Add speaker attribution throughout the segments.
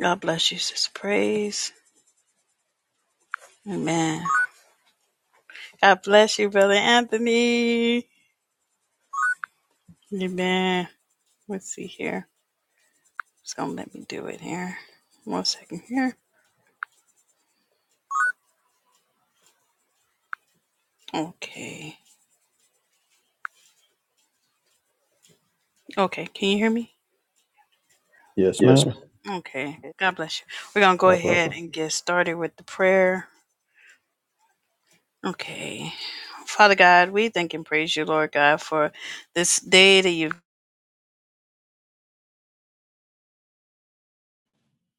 Speaker 1: God bless you, sis. Praise. Amen. God bless you, Brother Anthony. Amen. Let's see here. It's going to let me do it here. One second here. Okay. Okay. Can you hear me?
Speaker 2: Yes,
Speaker 1: Yes, ma'am.
Speaker 2: ma'am.
Speaker 1: Okay.
Speaker 3: Yes,
Speaker 1: God bless you. We're going to go
Speaker 2: God bless
Speaker 1: ahead
Speaker 2: you.
Speaker 1: Okay. and get started with the prayer. Okay. Father God, we thank and praise you, Lord God, for this day that you've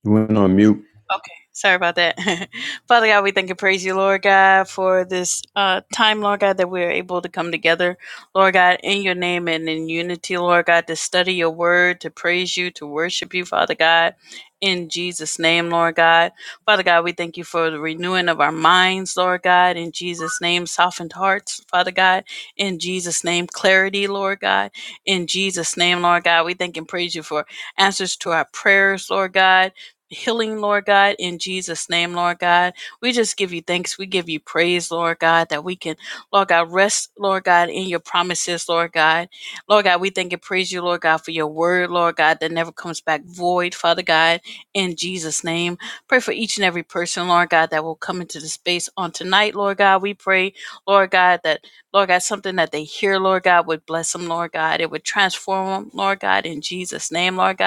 Speaker 2: You went on mute.
Speaker 1: Okay, sorry about that. Father God, we thank and praise you, Lord God, for this uh, time, Lord God, that we are able to come together, Lord God, in your name and in unity, Lord God, to study your word, to praise you, to worship you, Father God. In Jesus' name, Lord God. Father God, we thank you for the renewing of our minds, Lord God. In Jesus' name, softened hearts, Father God. In Jesus' name, clarity, Lord God. In Jesus' name, Lord God, we thank and praise you for answers to our prayers, Lord God healing, Lord God, in Jesus' name, Lord God. We just give you thanks. We give you praise, Lord God, that we can, Lord God, rest, Lord God, in your promises, Lord God. Lord God, we thank and praise you, Lord God, for your word, Lord God, that never comes back void, Father God, in Jesus' name. Pray for each and every person, Lord God, that will come into the space on tonight, Lord God. We pray, Lord God, that, Lord God, something that they hear, Lord God, would bless them, Lord God. It would transform them, Lord God, in Jesus' name, Lord God.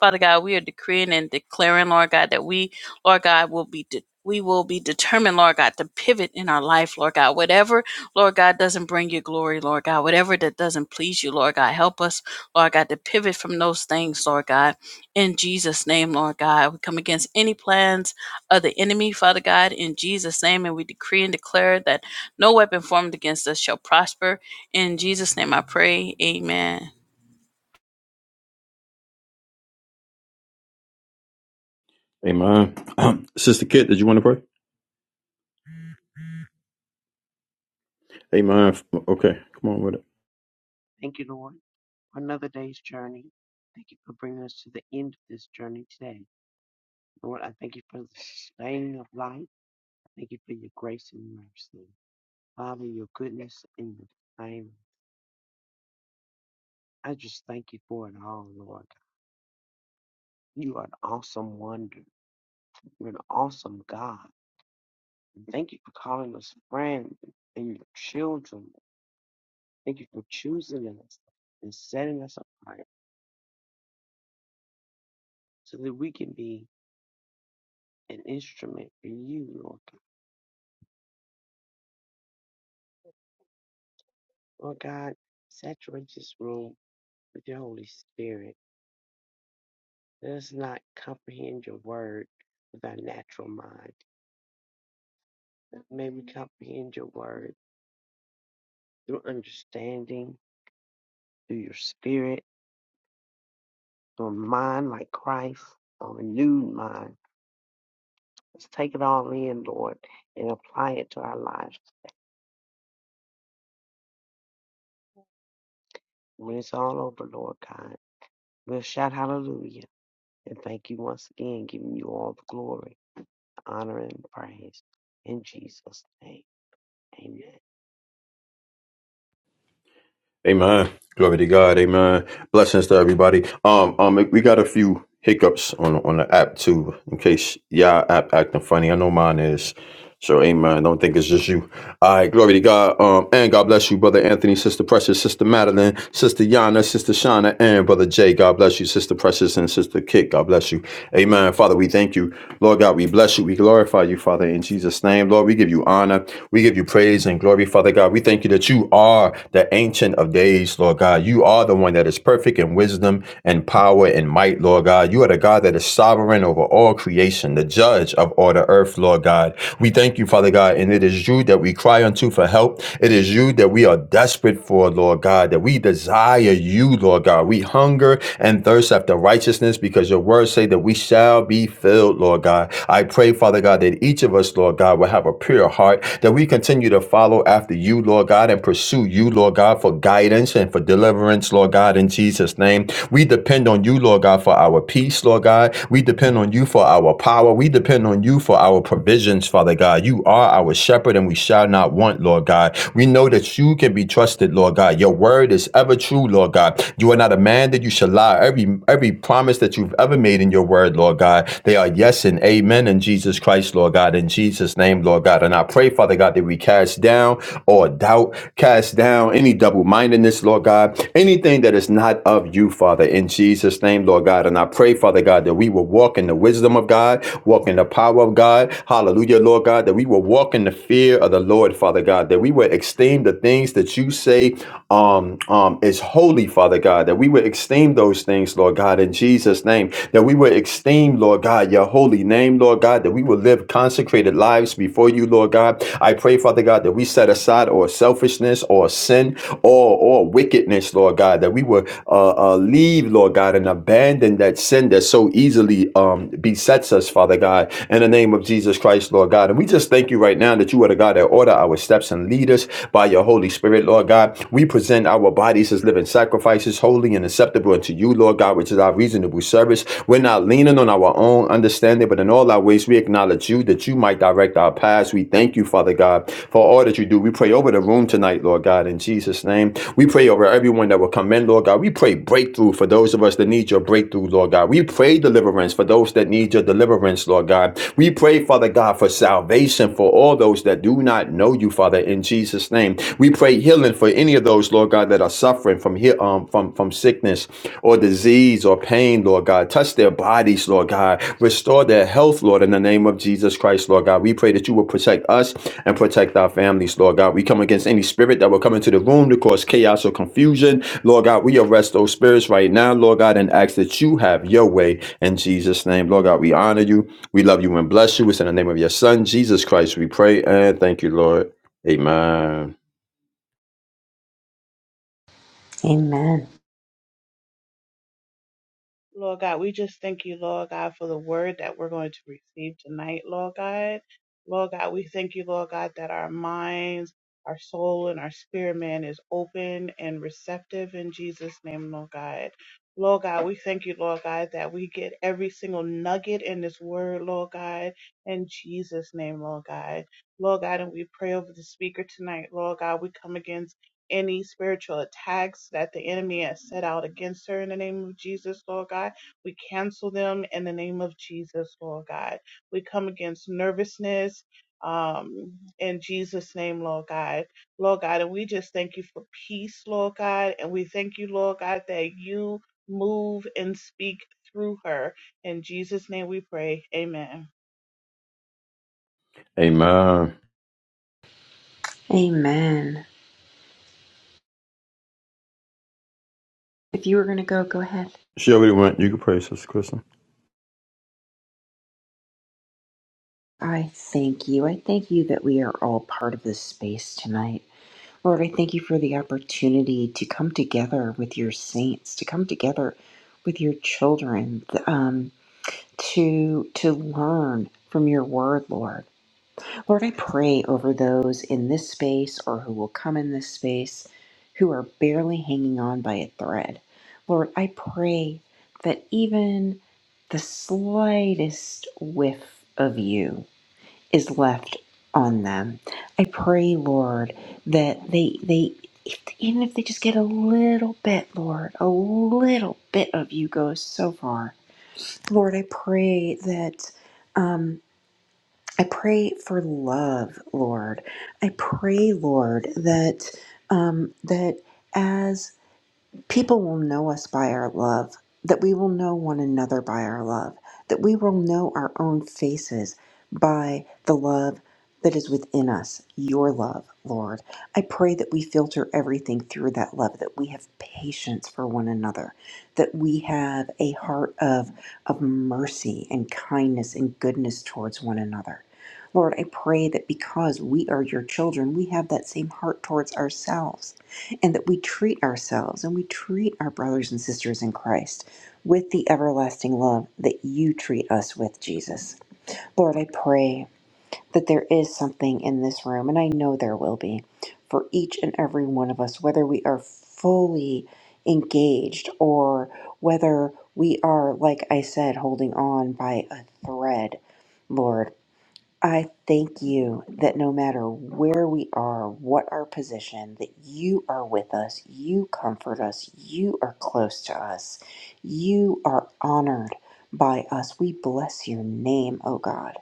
Speaker 1: Father God, we are decreeing and declaring, Lord God, that we, Lord God, will be de- we will be determined, Lord God, to pivot in our life, Lord God. Whatever, Lord God, doesn't bring you glory, Lord God. Whatever that doesn't please you, Lord God, help us, Lord God, to pivot from those things, Lord God. In Jesus' name, Lord God, we come against any plans of the enemy, Father God, in Jesus' name, and we decree and declare that no weapon formed against us shall prosper. In Jesus' name, I pray. Amen.
Speaker 2: Amen. Sister Kit, did you want to pray?
Speaker 3: okay.
Speaker 2: Amen. Okay, come on with it.
Speaker 3: Thank you, Lord, for another day's journey. Thank you for bringing us to the end of this journey today. Lord, I thank you for the sustaining of life. Thank you for your grace and mercy. Father, your goodness and your favor. I just thank you for it all, Lord. You are an awesome wonder. You're an awesome God. And Thank you for calling us friends and your children. Thank you for choosing us and setting us apart so that we can be an instrument for you, Lord. Lord God, saturate this room with your Holy Spirit. Let us not comprehend your word with our natural mind. May we comprehend your word through understanding, through your spirit, through a mind like Christ, a renewed mind. Let's take it all in, Lord, and apply it to our lives. When it's all over, Lord God, we'll shout hallelujah and thank you once again, giving you all the glory, honor, and praise. In Jesus' name, amen.
Speaker 2: Amen. Glory to God. Amen. Blessings to everybody. Um, um, we got a few hiccups on on the app too, in case y'all app acting funny. I know mine is. So, amen. Don't think it's just you. All right, glory to God. Um, and God bless you, Brother Anthony, Sister Precious, Sister Madeline, Sister Yana, Sister Shauna, and Brother Jay. God bless you, Sister Precious, and Sister Kit. God bless you. Amen. Father, we thank you. Lord God, we bless you. We glorify you, Father, in Jesus' name. Lord, we give you honor. We give you praise and glory, Father God. We thank you that you are the ancient of days, Lord God. You are the one that is perfect in wisdom and power and might, Lord God. You are the God that is sovereign over all creation, the judge of all or the earth, Lord God. We thank you, Father God, and it is you that we cry unto for help. It is you that we are desperate for, Lord God, that we desire you, Lord God. We hunger and thirst after righteousness because your words say that we shall be filled, Lord God. I pray, Father God, that each of us, Lord God, will have a pure heart, that we continue to follow after you, Lord God, and pursue you, Lord God, for guidance and for deliverance, Lord God, in Jesus' name. We depend on you, Lord God, for our peace, Lord God. We depend on you for our power. We depend on you for our provisions, Father God. You are our shepherd and we shall not want, Lord God. We know that you can be trusted, Lord God. Your word is ever true, Lord God. You are not a man that you shall lie. Every every promise that you've ever made in your word, Lord God, they are yes and amen in Jesus Christ, Lord God, in Jesus' name, Lord God. And I pray, Father God, that we cast down all doubt, cast down any double mindedness, Lord God, anything that is not of you, Father, in Jesus' name, Lord God. And I pray, Father God. God, that we will walk in the wisdom of God, walk in the power of God. Hallelujah, Lord God, that we will walk in the fear of the Lord, Father God, that we will esteem the things that you say um, um, is holy, Father God, that we would esteem those things, Lord God, in Jesus' name, that we would esteem, Lord God, your holy name, Lord God, that we will live consecrated lives before you, Lord God. I pray, Father God, that we set aside all selfishness or sin or, or wickedness, Lord God, that we will uh, uh, leave, Lord God, and abandon abandon that sin that so easily um, besets us, Father God, in the name of Jesus Christ, Lord God. And we just thank you right now that you are the God that order our steps and lead us by your Holy Spirit, Lord God. We present our bodies as living sacrifices, holy and acceptable unto you, Lord God, which is our reasonable service. We're not leaning on our own understanding, but in all our ways we acknowledge you that you might direct our paths. We thank you, Father God, for all that you do. We pray over the room tonight, Lord God, in Jesus' name. We pray over everyone that will come in, Lord God. We pray breakthrough for those of us that need your breakthrough, Lord God. We pray deliverance for those that need your deliverance, Lord God. We pray, Father God, for salvation for all those that do not know you, Father, in Jesus' name. We pray healing for any of those, Lord God, that are suffering from here um from, from sickness or disease or pain, Lord God. Touch their bodies, Lord God. Restore their health, Lord, in the name of Jesus Christ, Lord God. We pray that you will protect us and protect our families, Lord God. We come against any spirit that will come into the room to cause chaos or confusion Lord God, we arrest those spirits right now, Lord God, and ask that you have your way in Jesus' name. Lord God, we honor you. We love you and bless you. It's in the name of your Son, Jesus Christ, we pray and thank you, Lord. Amen.
Speaker 4: Amen.
Speaker 5: Lord God, we just thank you, Lord God, for the word that we're going to receive tonight, Lord God. Lord God, we thank you, Lord God, that our minds, our soul, and our spirit man is open and receptive in Jesus' name, Lord God. Lord God, we thank you, Lord God, that we get every single nugget in this word, Lord God, in Jesus' name, Lord God. Lord God, and we pray over the speaker tonight, Lord God. We come against any spiritual attacks that the enemy has set out against her in the name of Jesus, Lord God. We cancel them in the name of Jesus, Lord God. We come against nervousness um, in Jesus' name, Lord God. Lord God, and we just thank you for peace, Lord God. And we thank you, Lord God, that you move and speak through her. In Jesus' name we pray. Amen.
Speaker 2: Amen.
Speaker 4: Amen. If you were going to go, go ahead.
Speaker 2: She already went. You can pray, Sister Kristen.
Speaker 4: I thank you. I thank you that we are all part of this space tonight. Lord, I thank you for the opportunity to come together with your saints, to come together with your children, um, to to learn from your word, Lord. Lord, I pray over those in this space or who will come in this space who are barely hanging on by a thread. Lord, I pray that even the slightest whiff of you is left on them. I pray, Lord, that they they if, even if they just get a little bit, Lord, a little bit of you goes so far. Lord, I pray that um, I pray for love, Lord. I pray, Lord, that um, that as People will know us by our love, that we will know one another by our love, that we will know our own faces by the love that is within us, your love, Lord. I pray that we filter everything through that love, that we have patience for one another, that we have a heart of, of mercy and kindness and goodness towards one another. Lord, I pray that because we are your children, we have that same heart towards ourselves and that we treat ourselves and we treat our brothers and sisters in Christ with the everlasting love that you treat us with, Jesus. Lord, I pray that there is something in this room, and I know there will be, for each and every one of us, whether we are fully engaged or whether we are, like I said, holding on by a thread. Lord. I thank you that no matter where we are, what our position, that you are with us, you comfort us, you are close to us, you are honored by us. We bless your name, O God.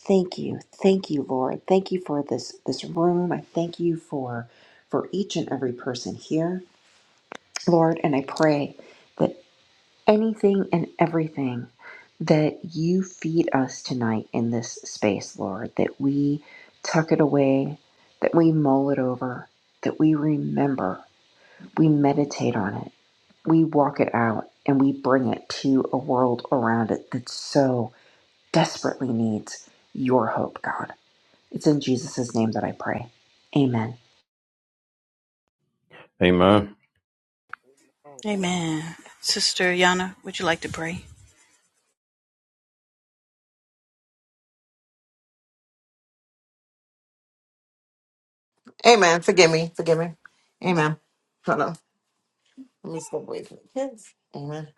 Speaker 4: Thank you. Thank you, Lord. Thank you for this this room. I thank you for for each and every person here, Lord, and I pray that anything and everything that you feed us tonight in this space, Lord, that we tuck it away, that we mull it over, that we remember, we meditate on it, we walk it out, and we bring it to a world around it that so desperately needs your hope, God. It's in Jesus' name that I pray. Amen.
Speaker 2: Amen.
Speaker 1: Amen. Sister Yana, would you like to pray?
Speaker 6: Amen. Forgive me. Forgive me. Amen. Hold on. Let me step away from the kids. Amen.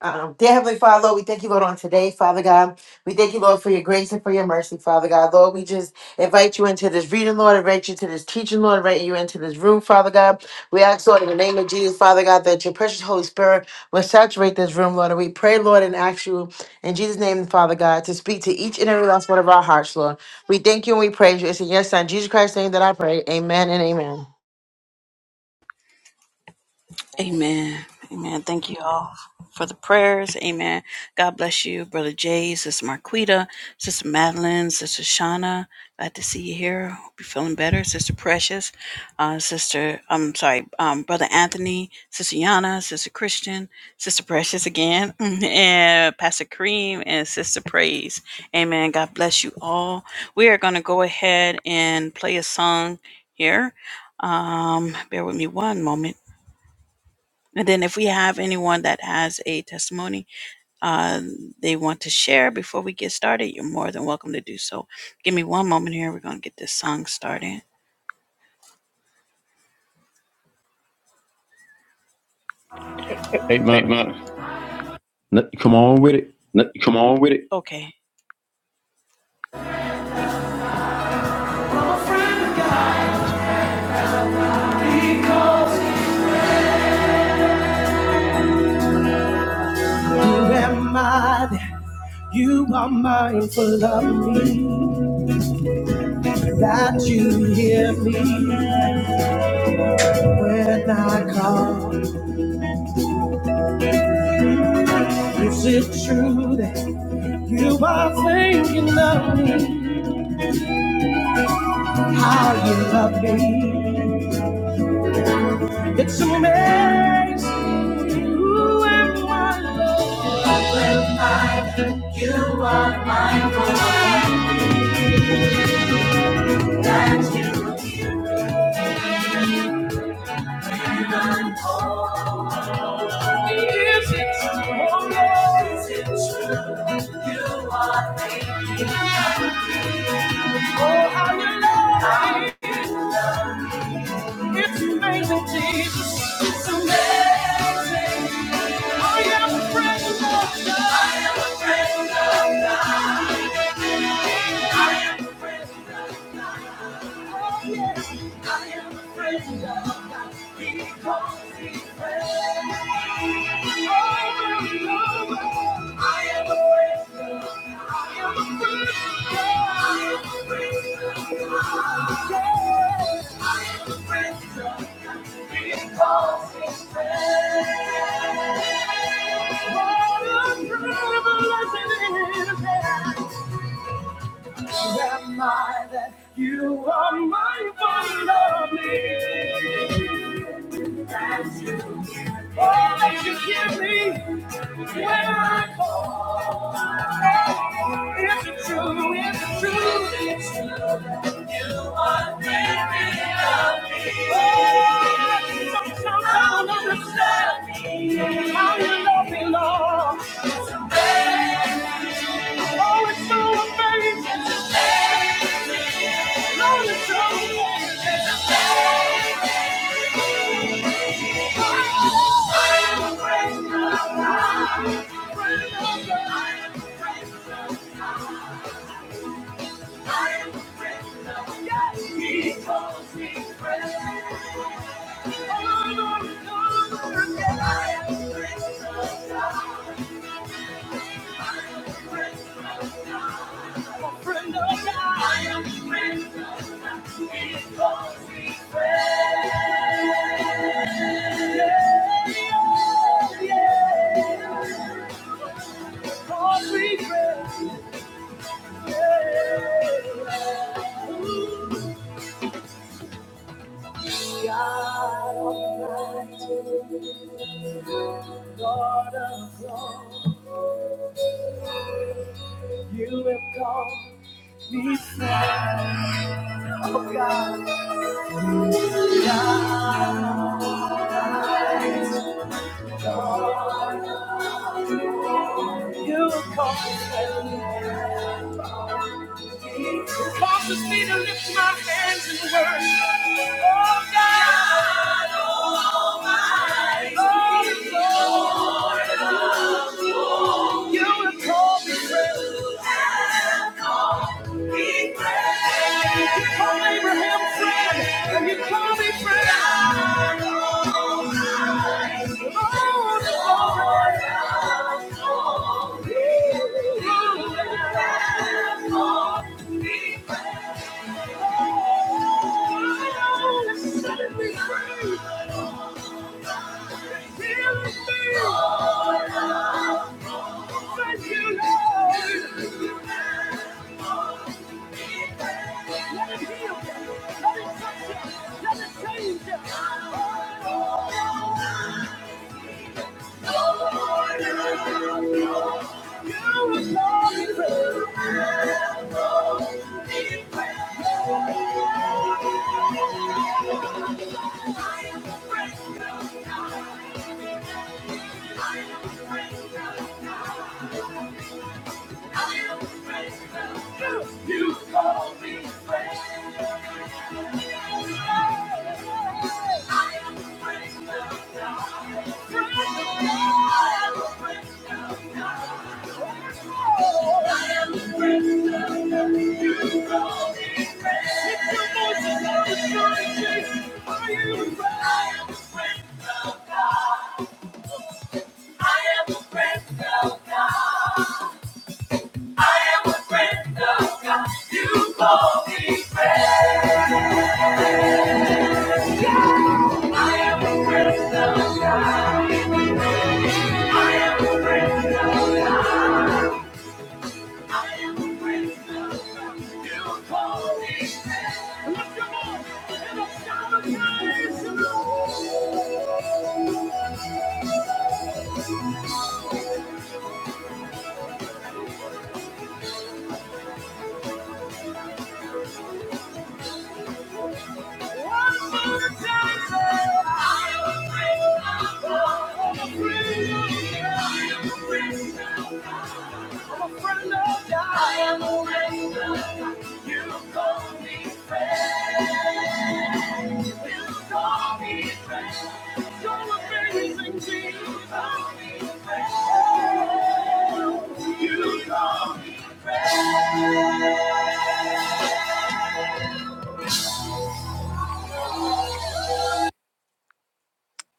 Speaker 6: Um, dear Heavenly Father, Lord, we thank you, Lord, on today, Father God. We thank you, Lord, for your grace and for your mercy, Father God. Lord, we just invite you into this reading, Lord, invite you to this teaching, Lord, invite you into this room, Father God. We ask, Lord, in the name of Jesus, Father God, that your precious Holy Spirit will saturate this room, Lord. And we pray, Lord, and ask you in Jesus' name, Father God, to speak to each and every last one of our hearts, Lord. We thank you and we praise you. It's in your Son, Jesus Christ's name, that I pray. Amen and amen.
Speaker 3: Amen.
Speaker 1: Amen. Amen. Thank you all for the prayers. Amen. God bless you, Brother Jay, Sister Marquita, Sister Madeline, Sister Shauna. Glad to see you here. Hope you're feeling better. Sister Precious, uh, Sister, I'm sorry, um, Brother Anthony, Sister Yana, Sister Christian, Sister Precious again, and Pastor Kareem and Sister Praise. Amen. God bless you all. We are going to go ahead and play a song here. Um, bear with me one moment. And then if we have anyone that has a testimony uh, they want to share before we get started, you're more than welcome to do so. Give me one moment here. We're going to get this song started. Hey,
Speaker 2: Amen.
Speaker 1: mother,
Speaker 2: Come on with it.
Speaker 1: Come on with it. Okay. Who am I that you are mindful of me? That you hear me when I call. Is it true that you are thinking of me? How you love me? It's amazing who am I, Lord. When I you are my Lord, that you hear and I'm whole. Is it true, oh Is it true you are making of me? Oh, how you love me. It's amazing, Jesus. It's amazing. I am a friend of God. I am a friend of God. I am the presence Oh, yes. I am the presence Because He's present. Over and over. I am the presence I am the presence Yes. I am the presence of God. Because He's What a privilege it is. Who am I that you are my one lovely? That Oh, that you give me when I call. It's true, it's true, it's true. that You are very lovely. Oh, Thank you. Free friend. God Almighty, Lord of all, you have called me friend. Oh God, God, you have called me friend. who Causes me to lift my hands in worship. Oh God, Almighty, oh Lord, you have called me friend. You call Abraham friend, and you call me friend. Oh Lord, Lord, let it change you. Thank you. I am a friend of God. Friend. I am a friend of God. I am a friend of God. You call me friend. Lift your voices up and join me. Are you a friend? I am a friend of God. I am a friend of God. I am a friend of God. You call me friend. I am a friend of God. I am a friend of God. I am a friend of God. You call me friend. Lift your voice and a shout of praise to the Lord.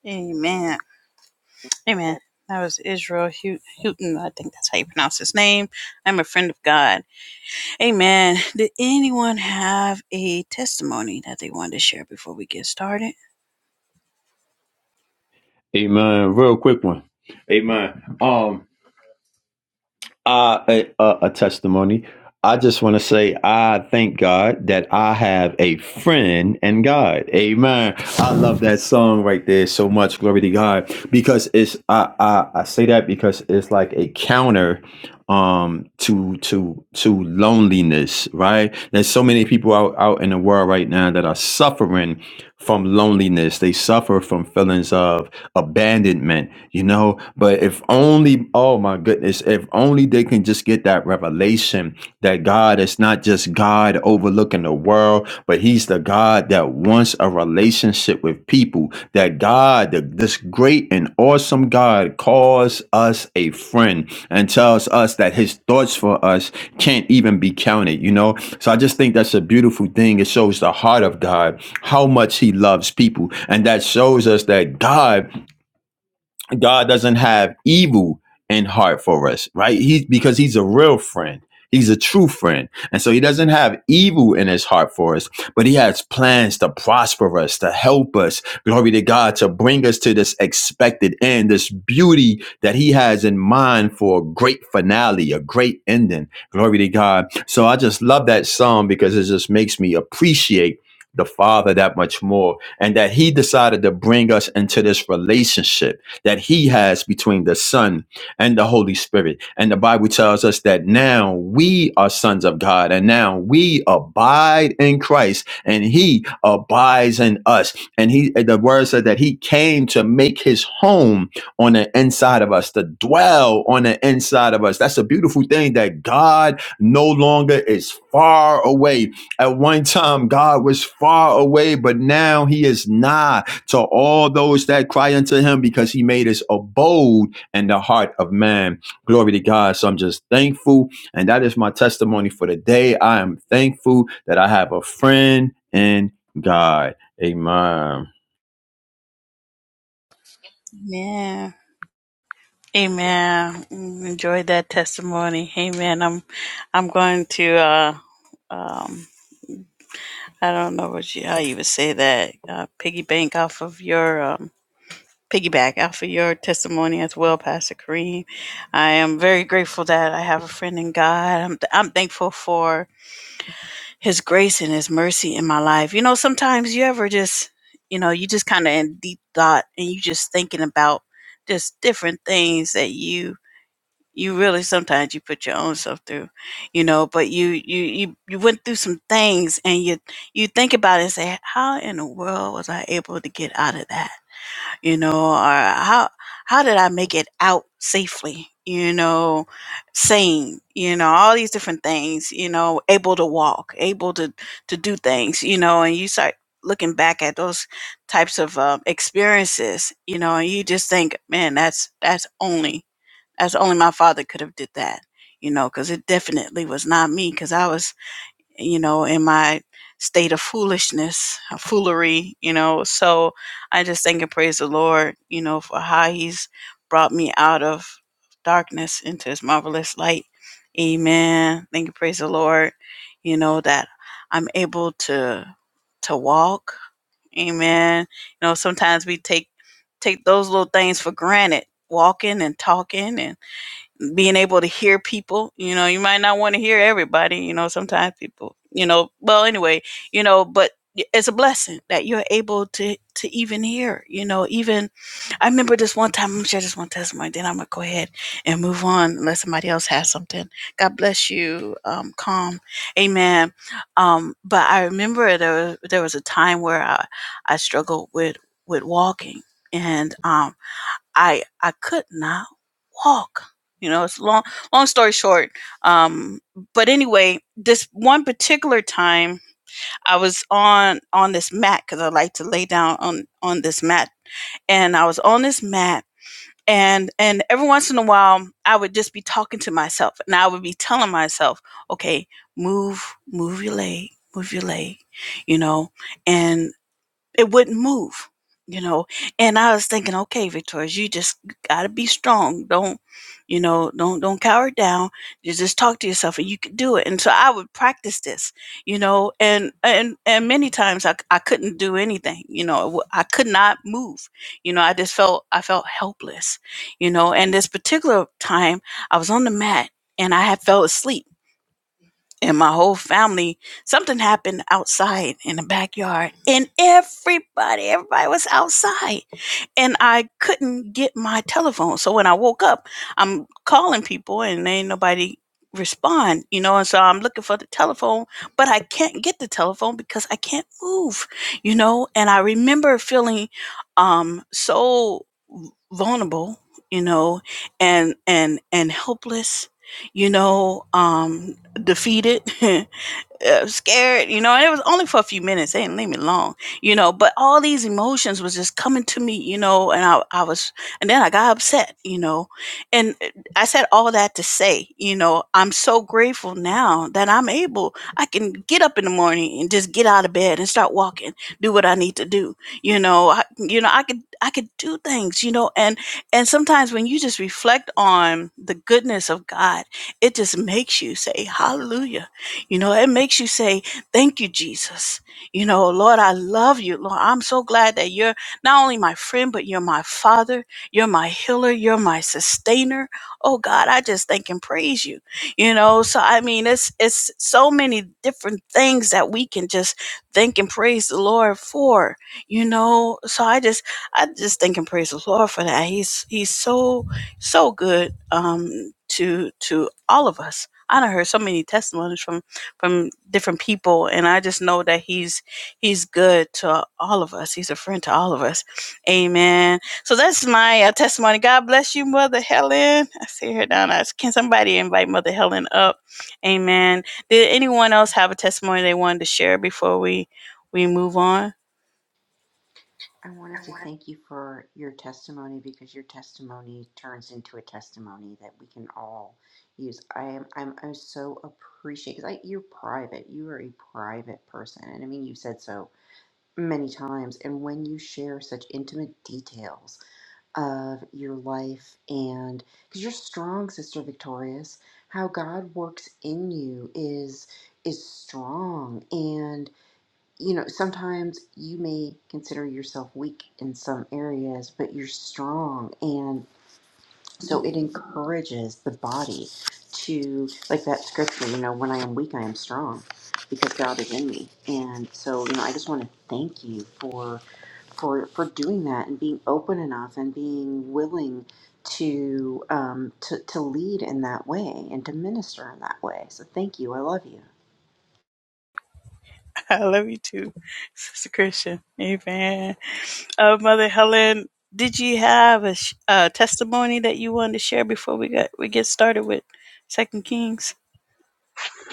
Speaker 1: Amen. Amen. That was Israel Hu- Houghton. I think that's how you pronounce his name. I'm a friend of God. Amen. Did anyone have a testimony that they wanted to share before we get started?
Speaker 2: Amen. Real quick one. Amen. Um, Uh, a, a, a testimony. I just want to say I thank God that I have a friend in God. Amen. I love that song right there so much. Glory to God because it's I I, I say that because it's like a counter um to to to loneliness right there's so many people out out in the world right now that are suffering from loneliness they suffer from feelings of abandonment you know but if only oh my goodness if only they can just get that revelation that god is not just god overlooking the world but he's the god that wants a relationship with people that god the, this great and awesome god calls us a friend and tells us that his thoughts for us can't even be counted, you know? So I just think that's a beautiful thing. It shows the heart of God, how much he loves people. And that shows us that God God doesn't have evil in heart for us, right? He because he's a real friend. He's a true friend. And so he doesn't have evil in his heart for us, but he has plans to prosper us, to help us. Glory to God, to bring us to this expected end, this beauty that he has in mind for a great finale, a great ending. Glory to God. So I just love that song because it just makes me appreciate the Father that much more and that he decided to bring us into this relationship that he has between the Son and the Holy Spirit. And the Bible tells us that now we are sons of God and now we abide in Christ and he abides in us. And he the word said that he came to make his home on the inside of us, to dwell on the inside of us. That's a beautiful thing that God no longer is far away. At one time God was far away, but now he is nigh to all those that cry unto him because he made his abode in the heart of man. Glory to God. So I'm just thankful. And that is my testimony for the day. I am thankful that I have a friend in God. Amen.
Speaker 1: Yeah. Amen. Mm, Enjoyed that testimony. Amen. I'm I'm going to uh um I don't know what you how you would say that. Uh piggy bank off of your um piggyback off of your testimony as well, Pastor Kareem. I am very grateful that I have a friend in God. I'm, I'm thankful for His grace and His mercy in my life. You know, sometimes you ever just, you know, you just kind of in deep thought and you just thinking about just different things that you you really sometimes you put your own self through you know but you you you, you went through some things and you you think about it and say how in the world was i able to get out of that you know, or how how did I make it out safely? You know, sane, you know, all these different things, you know, able to walk, able to to do things, you know, and you start looking back at those types of uh, experiences, you know, and you just think, man, that's that's only that's only my father could have did that, you know, because it definitely was not me, because I was you know, in my state of foolishness, foolery, you know. So I just thank and praise the Lord, you know, for how He's brought me out of darkness into His marvelous light. Amen. Thank you, praise the Lord, you know, that I'm able to to walk. Amen. You know, sometimes we take take those little things for granted, walking and talking and being able to hear people. You know, you might not want to hear everybody. You know, sometimes people, you know, well, anyway, you know, but it's a blessing that you're able to to even hear. You know, even I remember this one time. I'm gonna share this one testimony. Then I'm gonna go ahead and move on unless somebody else has something. God bless you. Um, calm, amen. Um, but I remember there was, there was a time where I I struggled with with walking and um I I could not walk. You know, it's long long story short. Um, but anyway, this one particular time I was on on this mat because I like to lay down on on this mat, and I was on this mat, and and every once in a while I would just be talking to myself, and I would be telling myself, okay, move move your leg, move your leg, you know, and it wouldn't move you know and i was thinking okay victoria you just gotta be strong don't you know don't don't cower down you just talk to yourself and you can do it and so i would practice this you know and and and many times i, I couldn't do anything you know I w- i could not move you know i just felt i felt helpless you know and this particular time i was on the mat and i had fell asleep and my whole family something happened outside in the backyard and everybody everybody was outside and i couldn't get my telephone so when i woke up i'm calling people and ain't nobody respond you know and so i'm looking for the telephone but i can't get the telephone because i can't move you know and i remember feeling um so vulnerable you know and and and helpless you know um defeated uh, scared, you know, and it was only for a few minutes. They didn't leave me long, you know, but all these emotions was just coming to me, you know, and I, I was, and then I got upset, you know, and uh, I said all that to say, you know, I'm so grateful now that I'm able, I can get up in the morning and just get out of bed and start walking, do what I need to do, you know, I, you know, I could, I could do things, you know, and, and sometimes when you just reflect on the goodness of God, it just makes you say, hallelujah you know, it makes you say, Thank you, Jesus. You know, Lord, I love you. Lord, I'm so glad that you're not only my friend, but you're my father. You're my healer. You're my sustainer. Oh God, I just thank and praise you. You know, so I mean, it's it's so many different things that we can just thank and praise the Lord for. You know, so I just I just thank and praise the Lord for that. He's he's so so good um to to all of us. I done heard so many testimonies from from different people and i just know that he's he's good to all of us he's a friend to all of us amen so that's my uh, testimony god bless you mother helen i see her down there can somebody invite mother helen up amen did anyone else have a testimony they wanted to share before we we move on
Speaker 4: I wanted to thank you for your testimony because your testimony turns into a testimony that we can all use. I am I'm, I'm so appreciative because you're private. You are a private person, and I mean you have said so many times. And when you share such intimate details of your life and because you're strong, Sister Victorious, how God works in you is is strong, and you know, sometimes you may consider yourself weak in some areas, but you're strong. And so it encourages the body to, like that scripture, you know, when I am weak, I am strong because God is in me. And so, you know, I just want to thank you for. For, for doing that and being open enough and being willing to, um, to to lead in that way and to minister in that way. So thank you. I love you.
Speaker 1: I love you too, Sister Christian. Amen. Uh, Mother Helen, did you have a, sh- a testimony that you wanted to share before we got we get started with Second Kings?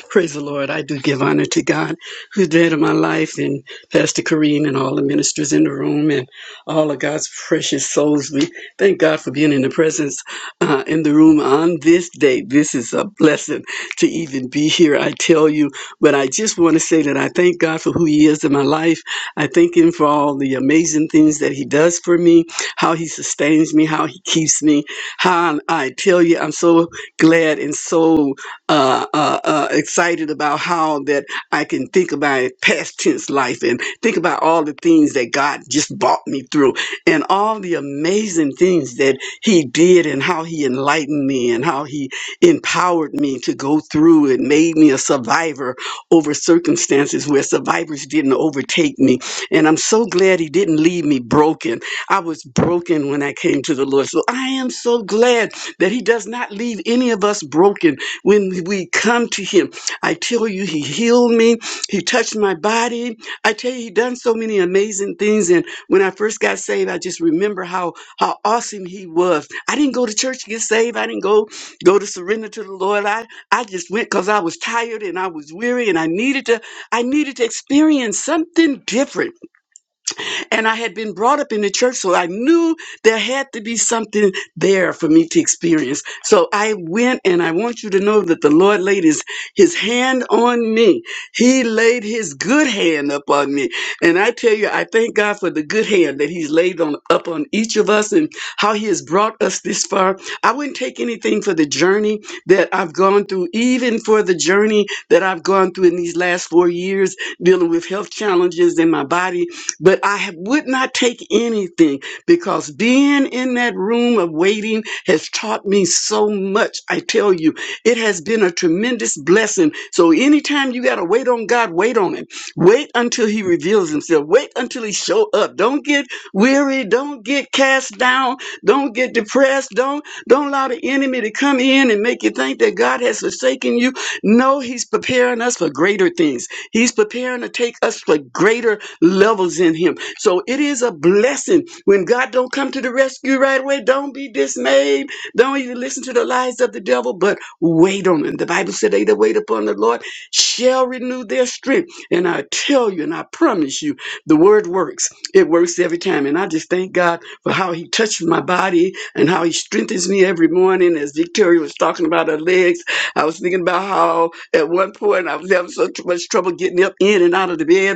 Speaker 7: Praise the Lord. I do give honor to God who's dead in my life and Pastor Kareem and all the ministers in the room and all of God's precious souls. We thank God for being in the presence uh, in the room on this day. This is a blessing to even be here, I tell you. But I just want to say that I thank God for who He is in my life. I thank Him for all the amazing things that He does for me, how He sustains me, how He keeps me. How I tell you, I'm so glad and so uh, uh, uh, excited about how that I can think about it past tense life and think about all the things that God just brought me through and all the amazing things that He did and how He enlightened me and how He empowered me to go through and made me a survivor over circumstances where survivors didn't overtake me. And I'm so glad He didn't leave me broken. I was broken when I came to the Lord. So I am so glad that He does not leave any of us broken when we come to him, I tell you, he healed me. He touched my body. I tell you, he done so many amazing things. And when I first got saved, I just remember how how awesome he was. I didn't go to church to get saved. I didn't go go to surrender to the Lord. I I just went because I was tired and I was weary and I needed to I needed to experience something different. And I had been brought up in the church, so I knew there had to be something there for me to experience. So I went, and I want you to know that the Lord laid his, his hand on me. He laid his good hand upon me. And I tell you, I thank God for the good hand that he's laid on up on each of us and how he has brought us this far. I wouldn't take anything for the journey that I've gone through, even for the journey that I've gone through in these last four years, dealing with health challenges in my body but I would not take anything because being in that room of waiting has taught me so much. I tell you, it has been a tremendous blessing. So anytime you got to wait on God, wait on Him. Wait until He reveals Himself. Wait until He show up. Don't get weary. Don't get cast down. Don't get depressed. Don't don't allow the enemy to come in and make you think that God has forsaken you. No, He's preparing us for greater things. He's preparing to take us for greater levels in him. So it is a blessing when God don't come to the rescue right away. Don't be dismayed. Don't even listen to the lies of the devil, but wait on him. The Bible said they that wait upon the Lord shall renew their strength. And I tell you and I promise you, the word works. It works every time. And I just thank God for how he touches my body and how he strengthens me every morning. As Victoria was talking about her legs, I was thinking about how at one point I was having so tr- much trouble getting up in and out of the bed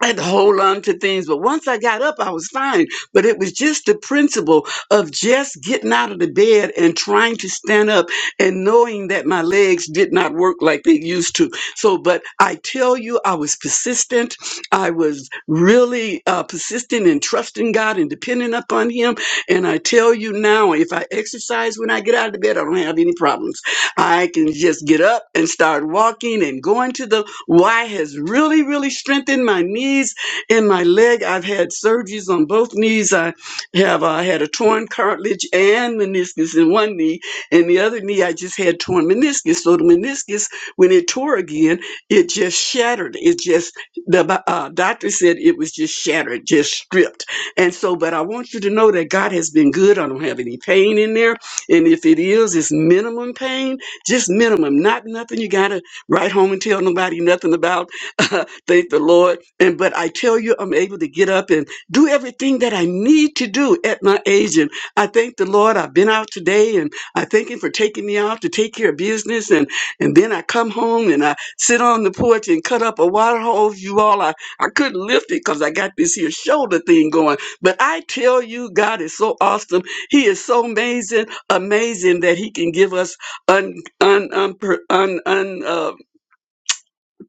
Speaker 7: I had to hold on to things, but once I got up, I was fine. But it was just the principle of just getting out of the bed and trying to stand up and knowing that my legs did not work like they used to. So, but I tell you, I was persistent. I was really uh, persistent in trusting God and depending upon Him. And I tell you now, if I exercise when I get out of the bed, I don't have any problems. I can just get up and start walking and going to the why has really, really strengthened my knees and my leg. I've had surgeries on both knees. I have uh, had a torn cartilage and meniscus in one knee, and the other knee I just had torn meniscus. So the meniscus, when it tore again, it just shattered. It just the uh, doctor said it was just shattered, just stripped. And so, but I want you to know that God has been good. I don't have any pain in there, and if it is, it's minimum pain, just minimum, not nothing. You gotta Write home and tell nobody nothing about. thank the Lord. And but I tell you, I'm able to get up and do everything that I need to do at my age. And I thank the Lord. I've been out today, and I thank Him for taking me out to take care of business. And and then I come home and I sit on the porch and cut up a water hose. You all, I I couldn't lift it because I got this here shoulder thing going. But I tell you, God is so awesome. He is so amazing, amazing that He can give us un un un, un, un, uh,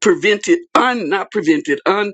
Speaker 7: prevented, un, not prevented, un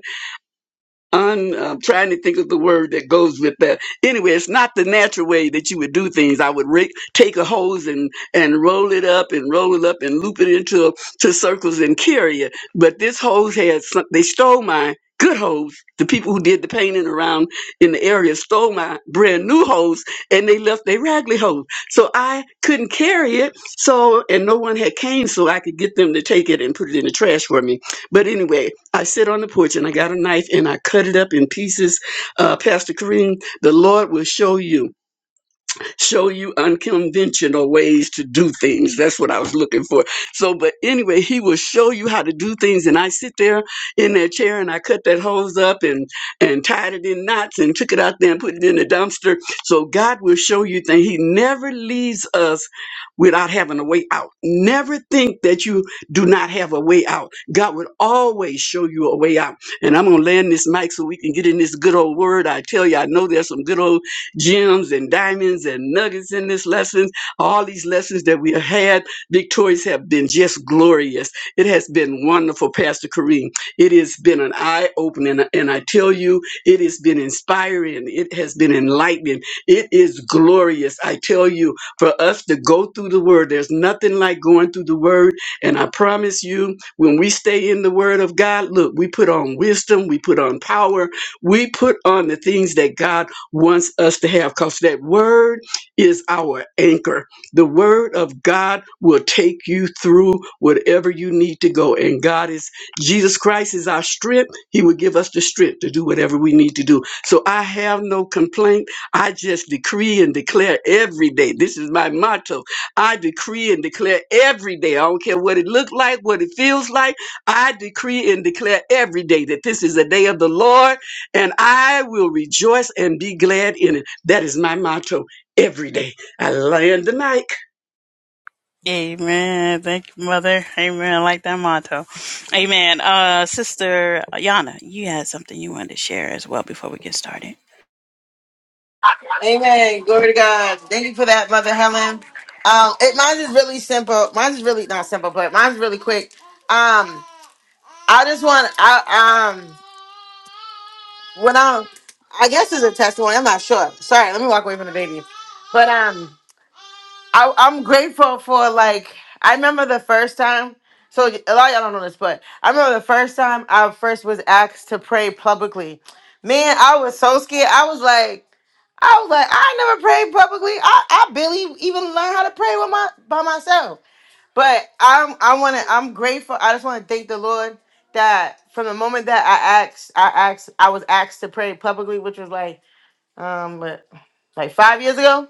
Speaker 7: un, I'm trying to think of the word that goes with that. Anyway, it's not the natural way that you would do things. I would rig, take a hose and, and roll it up and roll it up and loop it into to circles and carry it. But this hose had some, they stole my good hose. The people who did the painting around in the area stole my brand new hose and they left their raggedy hose. So I couldn't carry it. So, and no one had came so I could get them to take it and put it in the trash for me. But anyway, I sit on the porch and I got a knife and I cut it up in pieces. Uh, Pastor Kareem, the Lord will show you show you unconventional ways to do things. That's what I was looking for. So, but anyway, he will show you how to do things. And I sit there in that chair and I cut that hose up and, and tied it in knots and took it out there and put it in the dumpster. So God will show you things. He never leaves us without having a way out. Never think that you do not have a way out. God will always show you a way out. And I'm going to land this mic so we can get in this good old word. I tell you, I know there's some good old gems and diamonds and nuggets in this lesson. All these lessons that we have had, victorious, have been just glorious. It has been wonderful, Pastor Kareem. It has been an eye opening, and I tell you, it has been inspiring. It has been enlightening. It is glorious. I tell you, for us to go through the word, there's nothing like going through the word. And I promise you, when we stay in the word of God, look, we put on wisdom, we put on power, we put on the things that God wants us to have because that word is our anchor. The word of God will take you through whatever you need to go. And God is, Jesus Christ is our strength. He will give us the strength to do whatever we need to do. So I have no complaint. I just decree and declare every day. This is my motto. I decree and declare every day. I don't care what it looks like, what it feels like. I decree and declare every day that this is a day of the Lord and I will rejoice and be glad in it. That is my motto every day. I land the mic.
Speaker 1: Amen. Thank you, Mother. Amen. I like that motto. Amen. Uh, Sister Yana, you had something you wanted to share as well before we get started.
Speaker 6: Amen. Glory to God. Thank you for that, Mother Helen. Um, it mine is really simple. Mine is really not simple, but mine's really quick. Um, I just want I um when I I guess it's a testimony. I'm not sure. Sorry, let me walk away from the baby. But um I, I'm grateful for like I remember the first time. So a lot of y'all don't know this, but I remember the first time I first was asked to pray publicly. Man, I was so scared. I was like, I was like, I ain't never prayed publicly. I, I barely even learned how to pray with my by myself. But I'm I wanna I'm grateful. I just wanna thank the Lord that from the moment that I asked I asked I was asked to pray publicly, which was like um what, like five years ago.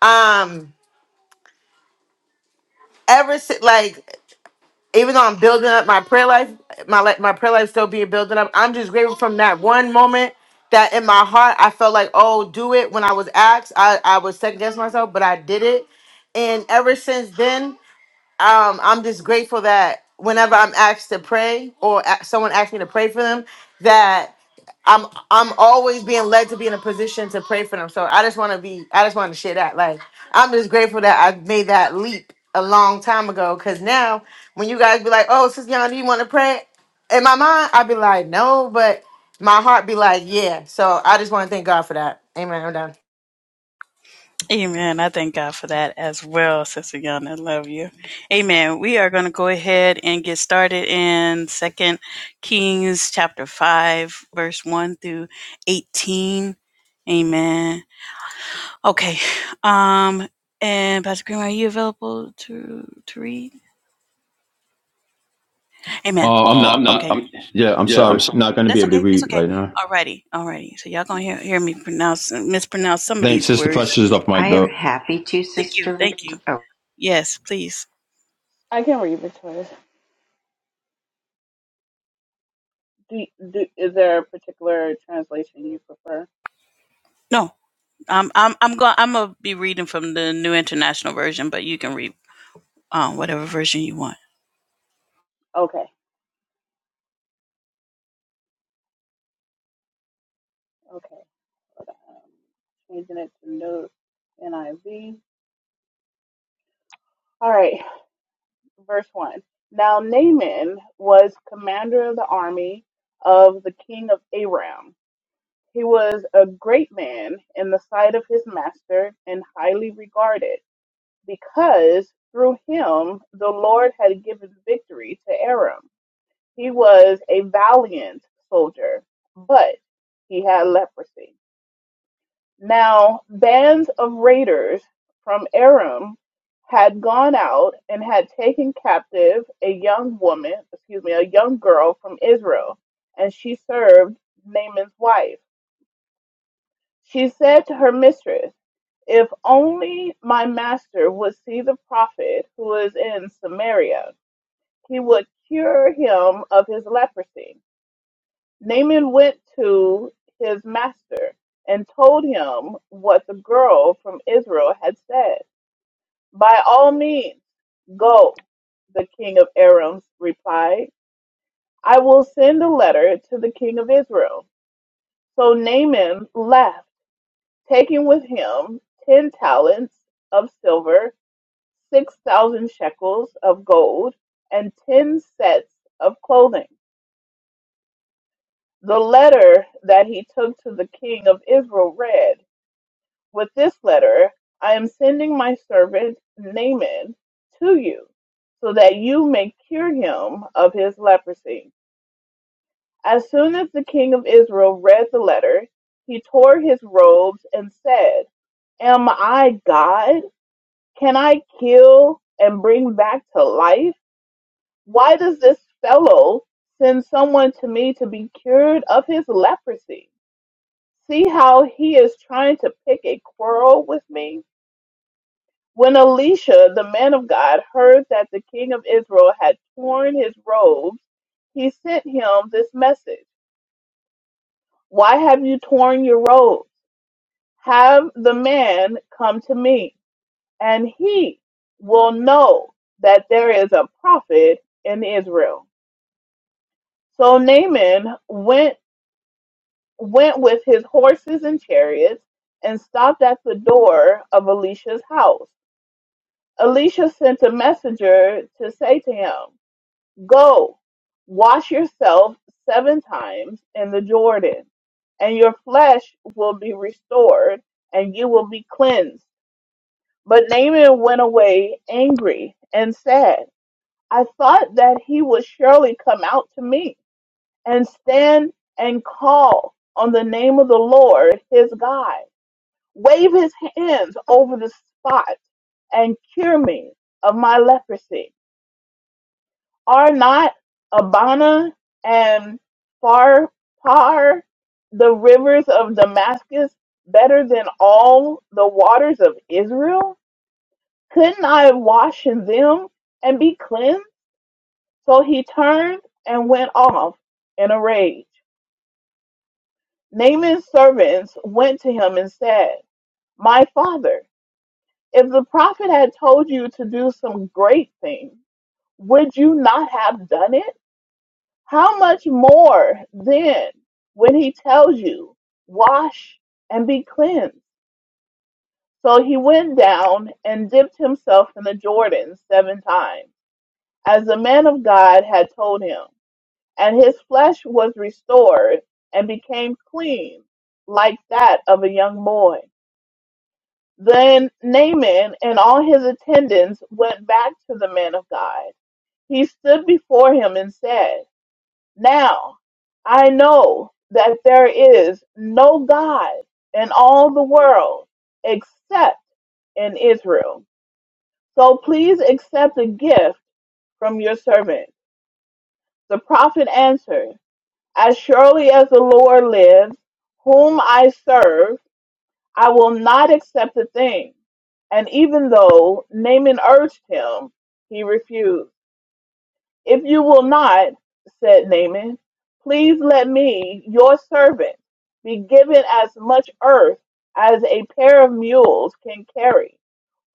Speaker 6: Um ever since, like, even though I'm building up my prayer life, my li- my prayer life still being building up. I'm just grateful from that one moment that in my heart I felt like, oh, do it. When I was asked, I I was second guessing myself, but I did it. And ever since then um, I'm just grateful that whenever I'm asked to pray or a- someone asks me to pray for them, that I'm I'm always being led to be in a position to pray for them. So I just want to be I just want to share that. Like I'm just grateful that I made that leap a long time ago. Cause now when you guys be like, "Oh, Sis Yana, do you want to pray?" In my mind, I'd be like, "No," but my heart be like, "Yeah." So I just want to thank God for that. Amen. I'm done.
Speaker 1: Amen. I thank God for that as well, Sister Yana. I Love you. Amen. We are going to go ahead and get started in Second Kings chapter five, verse one through eighteen. Amen. Okay. Um. And Pastor Green, are you available to to read? Amen.
Speaker 2: Oh, I'm
Speaker 1: Oh, I'm
Speaker 2: not,
Speaker 1: not.
Speaker 2: I'm,
Speaker 1: Okay. I'm
Speaker 2: yeah, I'm
Speaker 1: yeah. I'm
Speaker 2: sorry.
Speaker 1: sorry.
Speaker 2: Not going to be
Speaker 1: That's
Speaker 2: able to
Speaker 1: okay. It's
Speaker 2: read right
Speaker 1: okay.
Speaker 2: now.
Speaker 1: Alrighty. Alrighty. So y'all gonna hear, hear me pronounce mispronounce some of
Speaker 2: Thanks.
Speaker 1: these
Speaker 2: Sister
Speaker 1: words.
Speaker 2: Precious is off
Speaker 4: I
Speaker 2: mic
Speaker 4: am
Speaker 2: though.
Speaker 4: happy to,
Speaker 1: Thank you.
Speaker 4: Sister
Speaker 1: Thank you.
Speaker 4: Victor.
Speaker 1: Yes, please.
Speaker 5: I can read Victoria. Do, do, is there a particular translation you prefer?
Speaker 1: No. Um, I'm I'm going I'm gonna be reading from the New International Version, but you can read um, whatever version you want.
Speaker 5: Okay, okay. um, Changing it to note NIV. All right, verse 1. Now Naaman was commander of the army of the king of Aram. He was a great man in the sight of his master and highly regarded, because through him the Lord had given victory to Aram. He was a valiant soldier, but he had leprosy. Now bands of raiders from Aram had gone out and had taken captive a young woman, excuse me, a young girl from Israel, and she served Naaman's wife. She said to her mistress, If only my master would see the prophet who is in Samaria, he would cure him of his leprosy. Naaman went to his master and told him what the girl from Israel had said. By all means, go, the king of Aram replied. I will send a letter to the king of Israel. So Naaman left, taking with him ten talents of silver, six thousand shekels of gold, and ten sets of clothing. The letter that he took to the king of Israel read, With this letter, I am sending my servant Naaman to you, so that you may cure him of his leprosy. As soon as the king of Israel read the letter, he tore his robes and said, Am I God? Can I kill and bring back to life? Why does this fellow send someone to me to be cured of his leprosy? See how he is trying to pick a quarrel with me? When Elisha, the man of God, heard that the king of Israel had torn his robes, he sent him this message Why have you torn your robes? Have the man come to me, and he will know that there is a prophet in Israel. So Naaman went, went with his horses and chariots and stopped at the door of Elisha's house. Elisha sent a messenger to say to him, Go, wash yourself seven times in the Jordan, and your flesh will be restored, and you will be cleansed. But Naaman went away angry and sad. I thought that he would surely come out to me and stand and call on the name of the Lord his God, wave his hands over the spot, and cure me of my leprosy. Are not Abana and Pharpar, the rivers of Damascus, better than all the waters of Israel? Couldn't I wash in them and be cleansed? So he turned and went off in a rage. Naaman's servants went to him and said, My father, if the prophet had told you to do some great thing, would you not have done it? How much more then when he tells you, Wash and be cleansed? So he went down and dipped himself in the Jordan seven times, as the man of God had told him, and his flesh was restored and became clean, like that of a young boy. Then Naaman and all his attendants went back to the man of God. He stood before him and said, Now I know that there is no God in all the world except in Israel. So please accept a gift from your servant. The prophet answered, As surely as the Lord lives, whom I serve, I will not accept a thing. And even though Naaman urged him, he refused. If you will not, said Naaman, please let me, your servant, be given as much earth as a pair of mules can carry,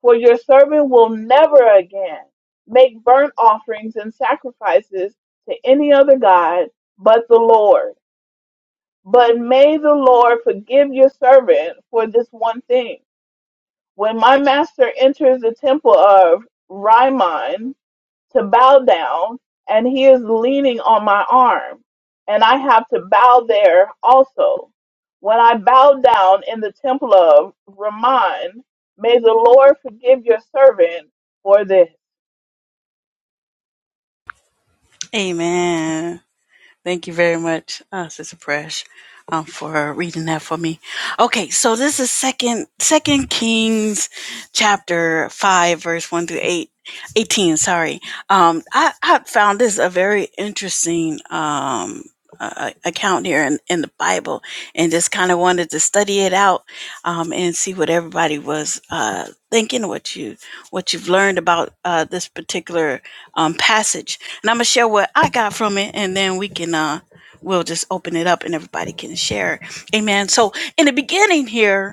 Speaker 5: for your servant will never again make burnt offerings and sacrifices to any other god but the Lord. But may the Lord forgive your servant for this one thing. When my master enters the temple of Rimmon to bow down, and he is leaning on my arm, and I have to bow there also. When I bow down in the temple of Ramon, may the Lord forgive your servant for this
Speaker 1: Amen. Thank you very much, uh, Sister Presh, um, for reading that for me. Okay, so this is second Second Kings, chapter five, verse one through eight, eighteen. Sorry, um, I, I found this a very interesting um, uh, account here in, in the Bible, and just kind of wanted to study it out um, and see what everybody was uh, thinking, what you what you've learned about uh, this particular um, passage and I'm gonna share what I got from it, and then we can uh we'll just open it up and everybody can share. Amen. So in the beginning here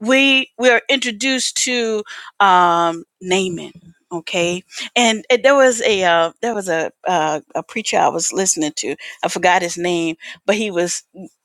Speaker 1: we we are introduced to um, Naaman. Okay, and uh, there was a uh, there was a uh, a preacher I was listening to. I forgot his name, but he was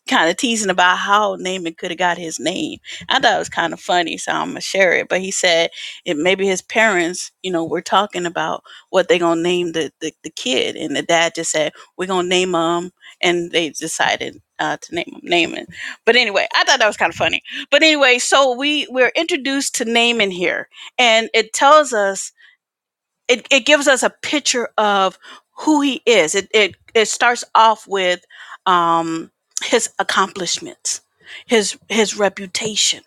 Speaker 1: kind of teasing about how Naaman could have got his name. I thought it was kind of funny, so I'm gonna share it. But he said it maybe his parents, you know, were talking about what they gonna name the the, the kid, and the dad just said we're gonna name him, and they decided uh, to name him Naaman. But anyway, I thought that was kind of funny but anyway, so we we're introduced to Naaman here, and it tells us it, it gives us a picture of who he is. It it it starts off with um, his accomplishments, his his reputation,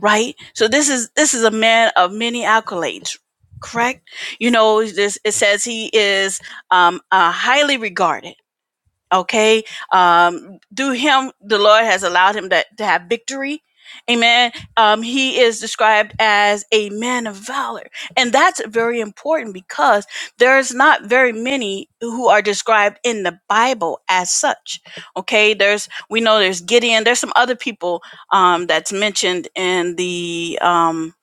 Speaker 1: right? So this is this is a man of many accolades, correct? You know, this it says he is um, uh, highly regarded okay um through him the lord has allowed him to, to have victory amen um he is described as a man of valor and that's very important because there's not very many who are described in the bible as such okay there's we know there's gideon there's some other people um that's mentioned in the um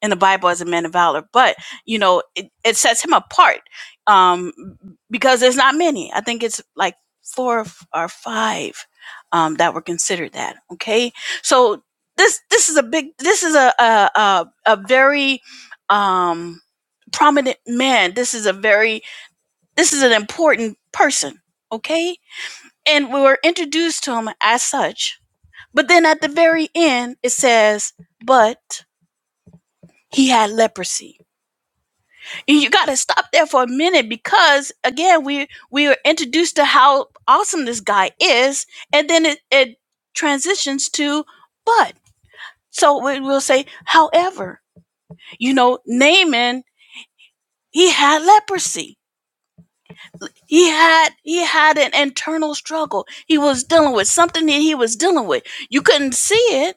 Speaker 1: in the bible as a man of valor but you know it, it sets him apart um because there's not many i think it's like four or five um, that were considered that. Okay, so this this is a big this is a a a, a very um, prominent man. This is a very this is an important person. Okay, and we were introduced to him as such. But then at the very end, it says, "But he had leprosy." you, got to stop there for a minute because again we we are introduced to how awesome this guy is and then it, it transitions to but so we'll say however you know naaman he had leprosy he had he had an internal struggle he was dealing with something that he was dealing with you couldn't see it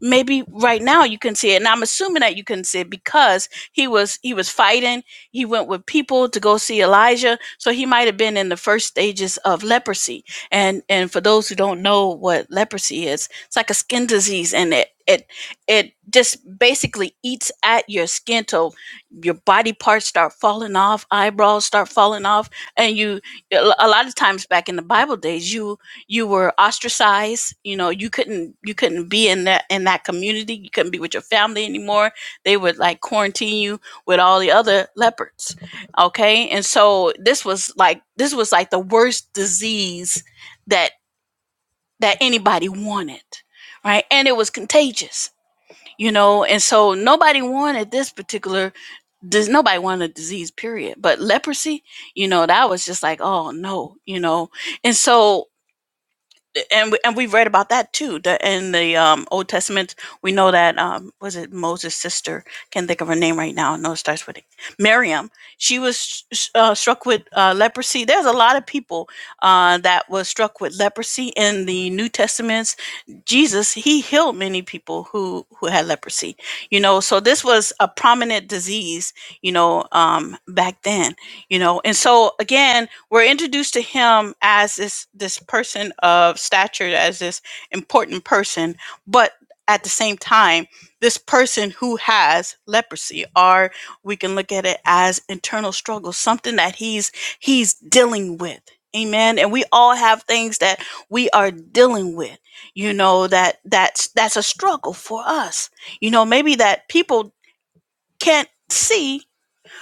Speaker 1: maybe right now you can see it and i'm assuming that you can see it because he was he was fighting he went with people to go see elijah so he might have been in the first stages of leprosy and and for those who don't know what leprosy is it's like a skin disease and it it it just basically eats at your skin till your body parts start falling off eyebrows start falling off and you a lo- a lot of times back in the bible days you you were ostracized you know you couldn't you couldn't be in that in that community you couldn't be with your family anymore they would like quarantine you with all the other leopards okay and so this was like this was like the worst disease that that anybody wanted right and it was contagious you know and so nobody wanted this particular does nobody wanted a disease period but leprosy you know that was just like oh no you know and so and we, and we read about that too. The, in the um, Old Testament, we know that um, was it Moses' sister? Can't think of her name right now. No, it starts with it. Miriam. She was uh, struck with uh, leprosy. There's a lot of people uh, that was struck with leprosy in the New Testaments. Jesus, he healed many people who who had leprosy. You know, so this was a prominent disease. You know, um, back then you know and so again we're introduced to him as this this person of stature as this important person but at the same time this person who has leprosy or we can look at it as internal struggle something that he's he's dealing with amen and we all have things that we are dealing with you know that that's that's a struggle for us you know maybe that people can't see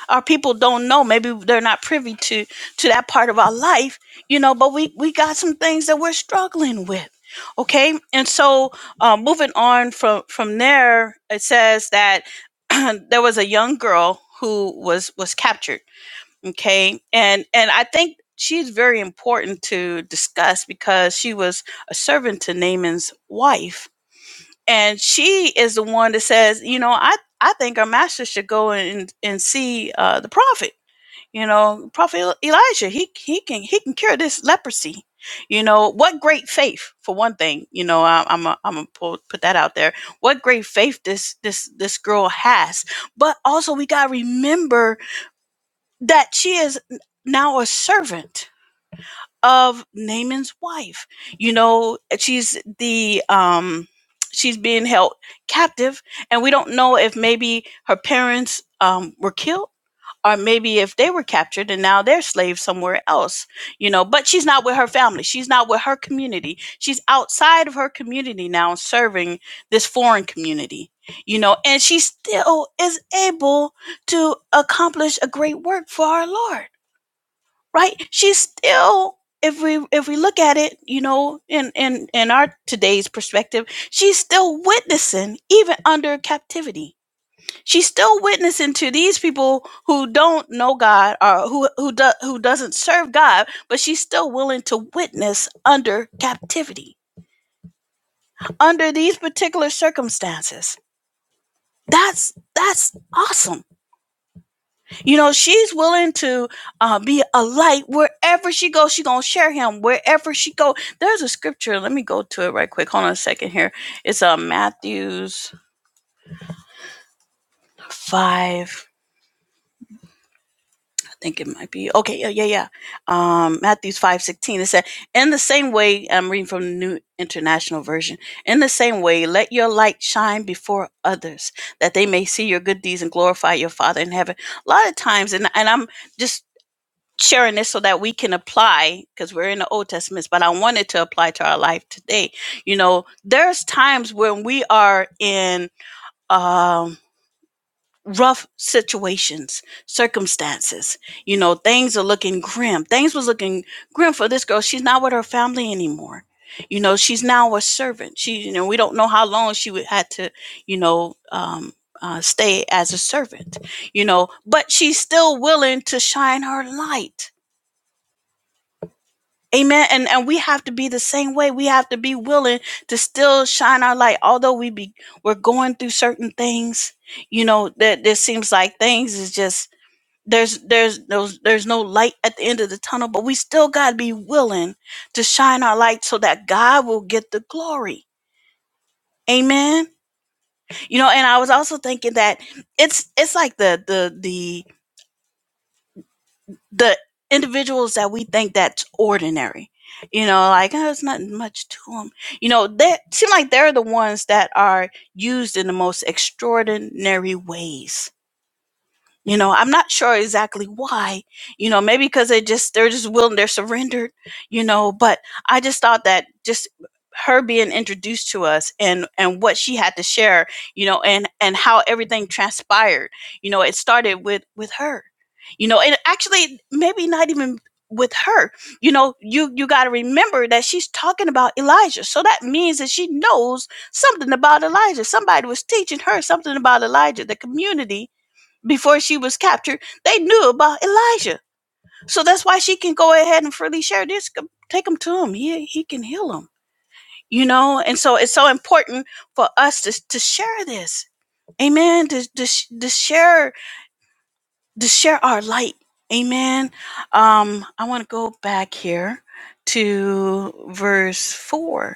Speaker 1: our people don't know maybe they're not privy to to that part of our life you know but we we got some things that we're struggling with okay and so uh, moving on from from there it says that there was a young girl who was was captured okay and and i think she's very important to discuss because she was a servant to naaman's wife and she is the one that says you know i i think our master should go and and see uh, the prophet you know, Prophet E, Elijah, he he can he can cure this leprosy. You know, what great faith for one thing. You know, I, I'm a, I'm gonna put that out there. What great faith this this this girl has. But also, we gotta remember that she is now a servant of Naaman's wife. You know, she's the um she's being held captive and we don't know if maybe her parents um were killed or maybe if they were captured and now they're slaves somewhere else you know but she's not with her family she's not with her community she's outside of her community now serving this foreign community you know and she still is able to accomplish a great work for our lord right she's still if we if we look at it you know in in in our today's perspective she's still witnessing even under captivity she's still witnessing to these people who don't know god or who who do, who doesn't serve god but she's still willing to witness under captivity under these particular circumstances that's that's awesome You know, she's willing to uh, be a light wherever she goes. She's gonna share him wherever she go. There's a scripture. Let me go to it right quick. Hold on a second here. It's uh, Matthew's five. I think it might be okay. Yeah, yeah, yeah. Um, Matthew's five sixteen. It said, "In the same way, I'm reading from the New International Version. In the same way, let your light shine before others, that they may see your good deeds and glorify your Father in heaven." A lot of times, and and I'm just sharing this so that we can apply because we're in the old testament but i wanted to apply to our life today you know there's times when we are in um rough situations circumstances you know things are looking grim things was looking grim for this girl she's not with her family anymore you know she's now a servant she you know we don't know how long she would had to you know um uh, stay as a servant you know but she's still willing to shine her light Amen. And and we have to be the same way. We have to be willing to still shine our light. Although we be we're going through certain things, you know, that that seems like things is just there's there's no there's no light at the end of the tunnel, but we still gotta be willing to shine our light so that God will get the glory. Amen. You know, and I was also thinking that it's it's like the the the the individuals that we think that's ordinary you know like oh, it's not much to them you know they seem like they're the ones that are used in the most extraordinary ways you know, I'm not sure exactly why. You know, maybe because they just they're just willing, they're surrendered. You know, but I just thought that just her being introduced to us and and what she had to share, you know, and and how everything transpired. You know, it started with with her. You know, and actually maybe not even with her. You know, you you got to remember that she's talking about Elijah. So that means that she knows something about Elijah. Somebody was teaching her something about Elijah. The community before she was captured, they knew about Elijah. So that's why she can go ahead and freely share this. Go- Take him to him. He, he can heal him, you know? And so it's so important for us to, to share this. Amen. To, to, sh- to share, to share our light. Amen. Um, I want to go back here to verse four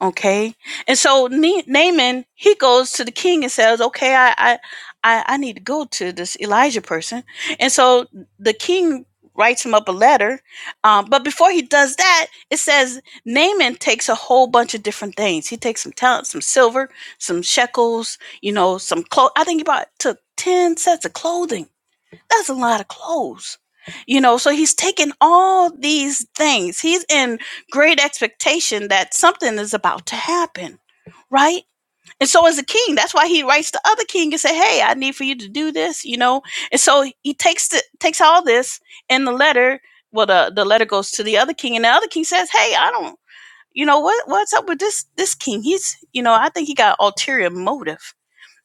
Speaker 1: Okay. And so Na- Naaman, he goes to the king and says, okay, I, I, I, I need to go to this Elijah person. And so the king writes him up a letter. Um, but before he does that, it says Naaman takes a whole bunch of different things. He takes some talent, some silver, some shekels, you know, some clothes. I think he bought, took 10 sets of clothing that's a lot of clothes. You know, so he's taking all these things. He's in great expectation that something is about to happen, right? And so as a king, that's why he writes to other king and say, "Hey, I need for you to do this," you know. And so he takes the, takes all this in the letter. Well, the the letter goes to the other king, and the other king says, "Hey, I don't, you know, what what's up with this this king? He's, you know, I think he got ulterior motive."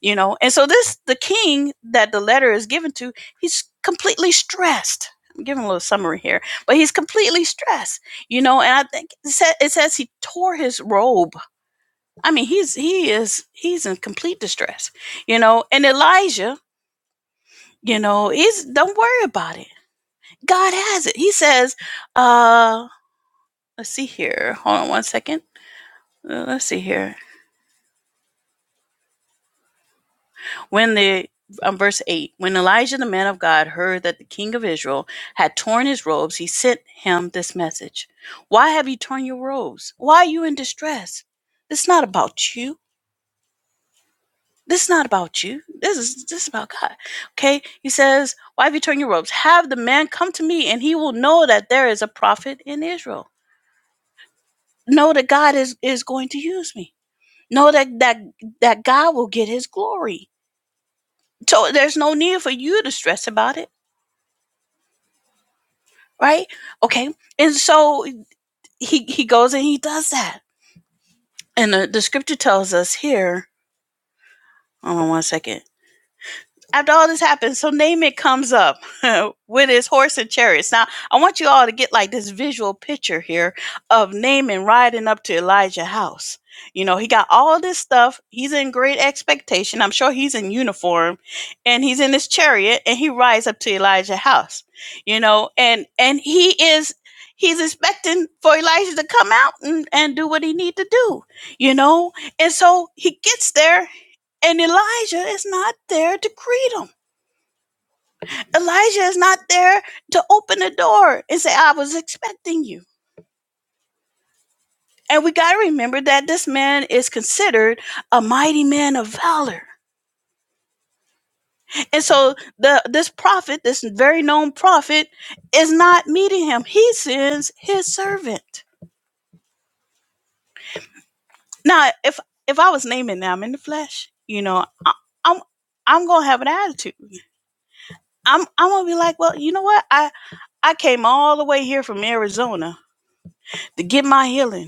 Speaker 1: you know and so this the king that the letter is given to he's completely stressed i'm giving a little summary here but he's completely stressed you know and i think it, sa- it says he tore his robe i mean he's he is he's in complete distress you know and elijah you know he's don't worry about it god has it he says uh let's see here hold on one second Uh, let's see here When the um, verse 8 When Elijah the man of God heard that the king of Israel had torn his robes, he sent him this message Why have you torn your robes? Why are you in distress? This is not about you. This is not about you. This is this is about God. Okay? He says, Why have you torn your robes? Have the man come to me, and he will know that there is a prophet in Israel. Know that God is, is going to use me. Know that, that that God will get his glory. So there's no need for you to stress about it right? Okay. And so he he goes and he does that. And the, the scripture tells us here, hold on one second. after all this happens, so Naaman comes up with his horse and chariots. Now, I want you all to get like this visual picture here of Naaman riding up to Elijah's house. You know, he got all this stuff. He's in great expectation. I'm sure he's in uniform and he's in his chariot and he rides up to Elijah's house. You know, and and he is he's expecting for Elijah to come out and, and do what he need to do, you know? And so he gets there and Elijah is not there to greet him Elijah is not there to open the door and say, I was expecting you. And we got to remember that this man is considered a mighty man of valor. And so the this prophet, this very known prophet, is not meeting him. He sends his servant. Now, if if I was naming them in the flesh, you know, I, I'm I'm gonna have an attitude. I'm I'm gonna be like, well, you know what? I I came all the way here from Arizona to get my healing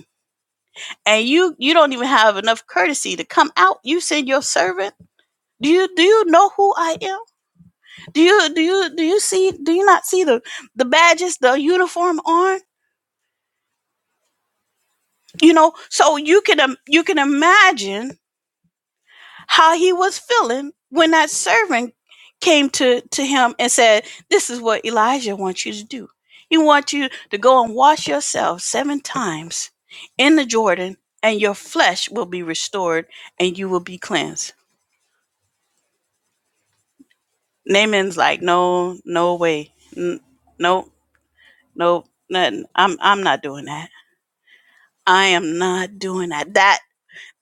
Speaker 1: and you you don't even have enough courtesy to come out you send your servant do you do you know who i am do you do you do you see do you not see the the badges the uniform on you know so you can im- you can imagine how he was feeling when that servant came to to him and said this is what elijah wants you to do he wants you to go and wash yourself seven times in the jordan and your flesh will be restored and you will be cleansed Naaman's like, no, no way, N- no, nope, nothing. I'm I'm not doing that. I am not doing that. That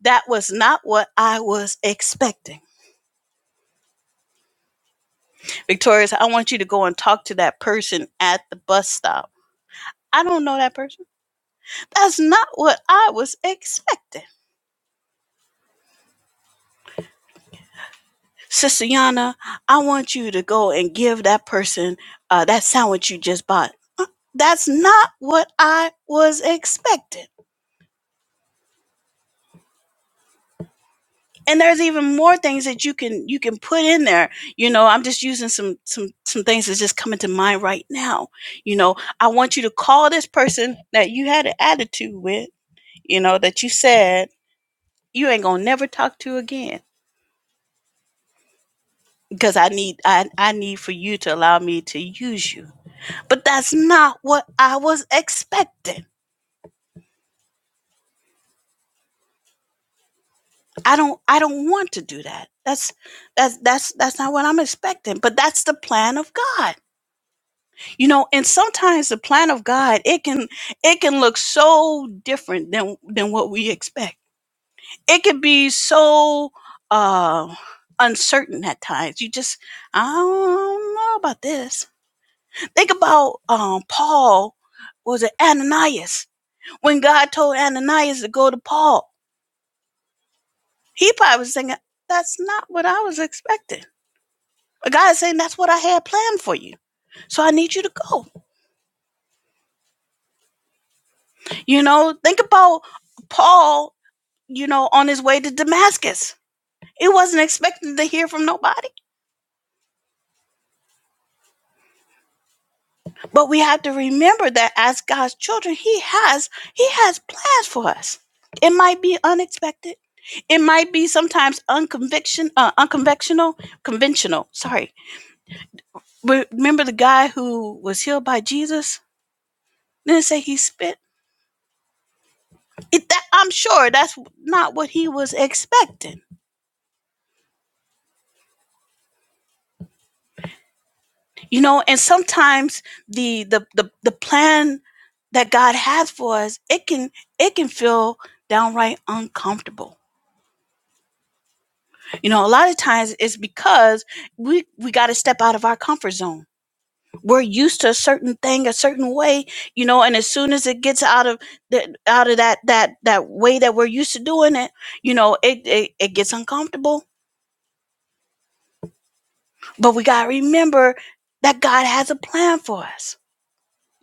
Speaker 1: that was not what I was expecting. Victorious, I want you to go and talk to that person at the bus stop. I don't know that person. That's not what I was expecting. Sister Yana, I want you to go and give that person uh, that sandwich you just bought. That's not what I was expecting. and there's even more things that you can you can put in there you know i'm just using some some some things that's just coming to mind right now you know i want you to call this person that you had an attitude with you know that you said you ain't gonna never talk to again because i need i, I need for you to allow me to use you but that's not what i was expecting i don't i don't want to do that that's that's that's that's not what i'm expecting but that's the plan of god you know and sometimes the plan of god it can it can look so different than than what we expect it can be so uh uncertain at times you just i don't know about this think about um paul was it ananias when god told ananias to go to paul he probably was thinking that's not what i was expecting but god is saying that's what i had planned for you so i need you to go you know think about paul you know, on his way to Damascus. It wasn't expected to hear from nobody. But we have to remember that as God's children, he has he has plans for us. It might be unexpected. It might be sometimes unconviction, uh, unconventional, conventional. Sorry. remember the guy who was healed by Jesus? Didn't say he spit. It, that, I'm sure that's not what he was expecting you know and sometimes the the the, the plan that god has for us it can it can feel downright uncomfortable you know a lot of times it's because we we got to step out of our comfort zone we're used to a certain thing a certain way you know and as soon as it gets out of the out of that that that way that we're used to doing it you know it it, it gets uncomfortable but we got to remember that god has a plan for us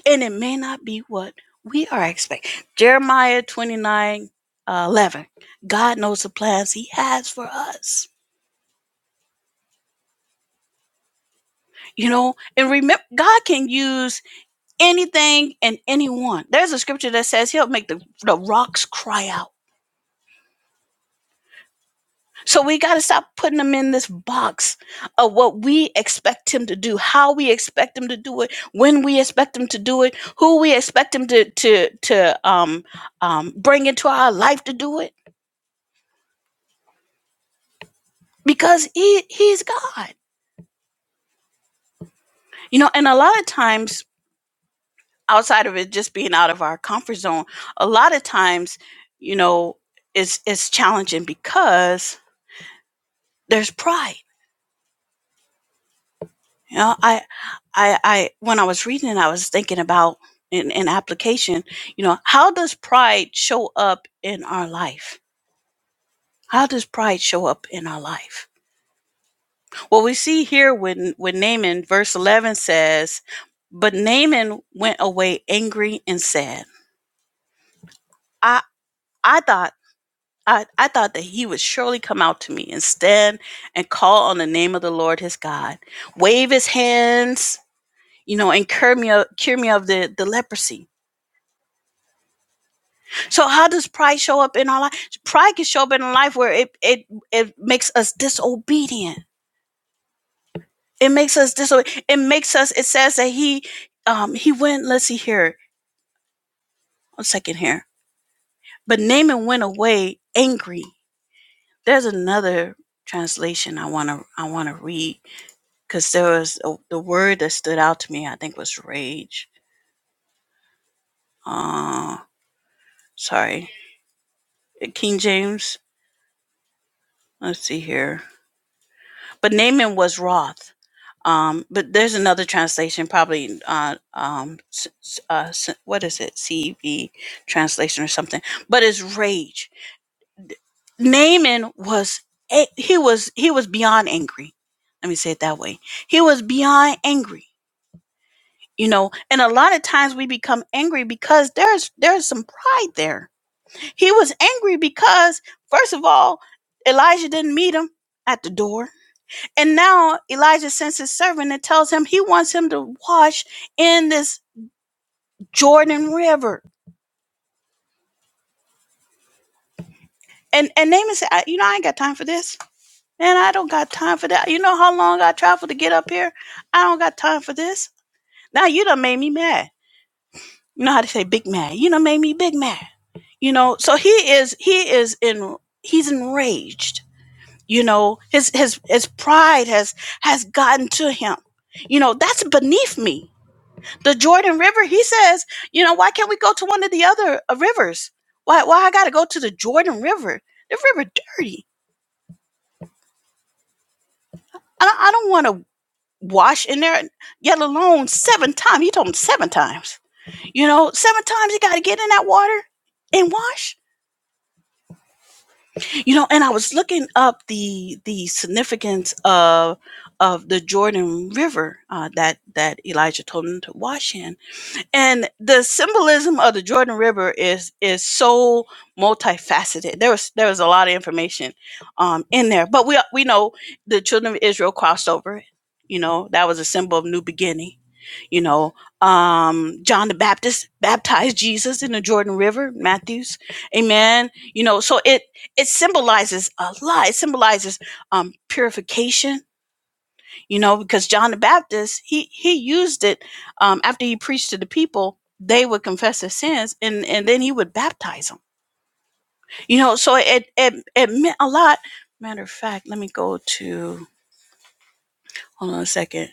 Speaker 1: and it may not be what we are expecting. Jeremiah 29 uh, 11. God knows the plans he has for us. You know, and remember, God can use anything and anyone. There's a scripture that says he'll make the, the rocks cry out. So we got to stop putting them in this box of what we expect him to do, how we expect him to do it, when we expect him to do it, who we expect him to to to um um bring into our life to do it because he he's God. You know, and a lot of times outside of it just being out of our comfort zone, a lot of times, you know, it's it's challenging because there's pride. You know, I I I when I was reading it, I was thinking about in, in application, you know, how does pride show up in our life? How does pride show up in our life? Well, we see here when when Naaman verse eleven says, But Naaman went away angry and said. I I thought I, I thought that he would surely come out to me and stand and call on the name of the Lord his God, wave his hands, you know, and cure me of, cure me of the, the leprosy. So how does pride show up in our life? Pride can show up in a life where it it it makes us disobedient. It makes us disobedient. It makes us. It says that he um he went. Let's see here. One second here. But Naaman went away angry. There's another translation I wanna I wanna read because there was a, the word that stood out to me. I think was rage. Uh, sorry, King James. Let's see here. But Naaman was wroth. Um, but there's another translation, probably uh, um, s- s- uh, s- what is it, CEV translation or something. But it's rage. Naaman was a- he was he was beyond angry. Let me say it that way. He was beyond angry. You know, and a lot of times we become angry because there's there's some pride there He was angry because, first of all, Elijah didn't meet him at the door. And now Elijah sends his servant and tells him he wants him to wash in this Jordan River. And and Naaman said, "I- You know, I ain't got time for this. Man, I don't got time for that. You know how long I traveled to get up here? I don't got time for this. Now you done made me mad. You know how to say big mad. You done made me big mad. You know, so he is he is in he's enraged you know his his his pride has has gotten to him you know that's beneath me the jordan river he says you know why can't we go to one of the other uh, rivers why why i gotta go to the jordan river the river dirty i don't, I don't want to wash in there yet alone seven times he told him seven times you know seven times you gotta get in that water and wash You know, and I was looking up the the significance of of the Jordan River uh, that that Elijah told him to wash in, and the symbolism of the Jordan River is is so multifaceted. There was there was a lot of information um, in there, but we we know the children of Israel crossed over. You know, that was a symbol of new beginning you know, um, John the Baptist baptized Jesus in the Jordan River, Matthew's. Amen. You know, so it it symbolizes a lot. It symbolizes um, purification. You know, because John the Baptist he he used it um, after he preached to the people. They would confess their sins, and and then he would baptize them. You know, so it it it meant a lot. Matter of fact, let me go to hold on a second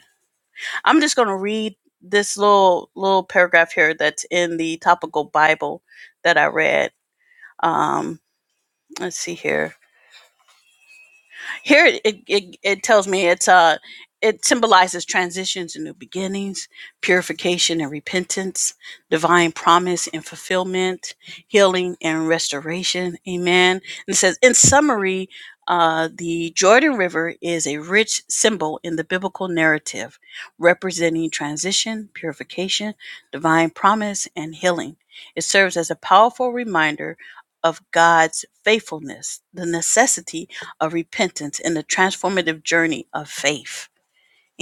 Speaker 1: I'm just going to read this little little paragraph here that's in the topical Bible that I read. Um, let's see here. Here it, it, it, tells me it's uh it symbolizes transitions and new beginnings, purification and repentance, divine promise and fulfillment, healing and restoration. Amen. And it says, in summary, uh, the Jordan River is a rich symbol in the biblical narrative, representing transition, purification, divine promise, and healing. It serves as a powerful reminder of God's faithfulness, the necessity of repentance and the transformative journey of faith.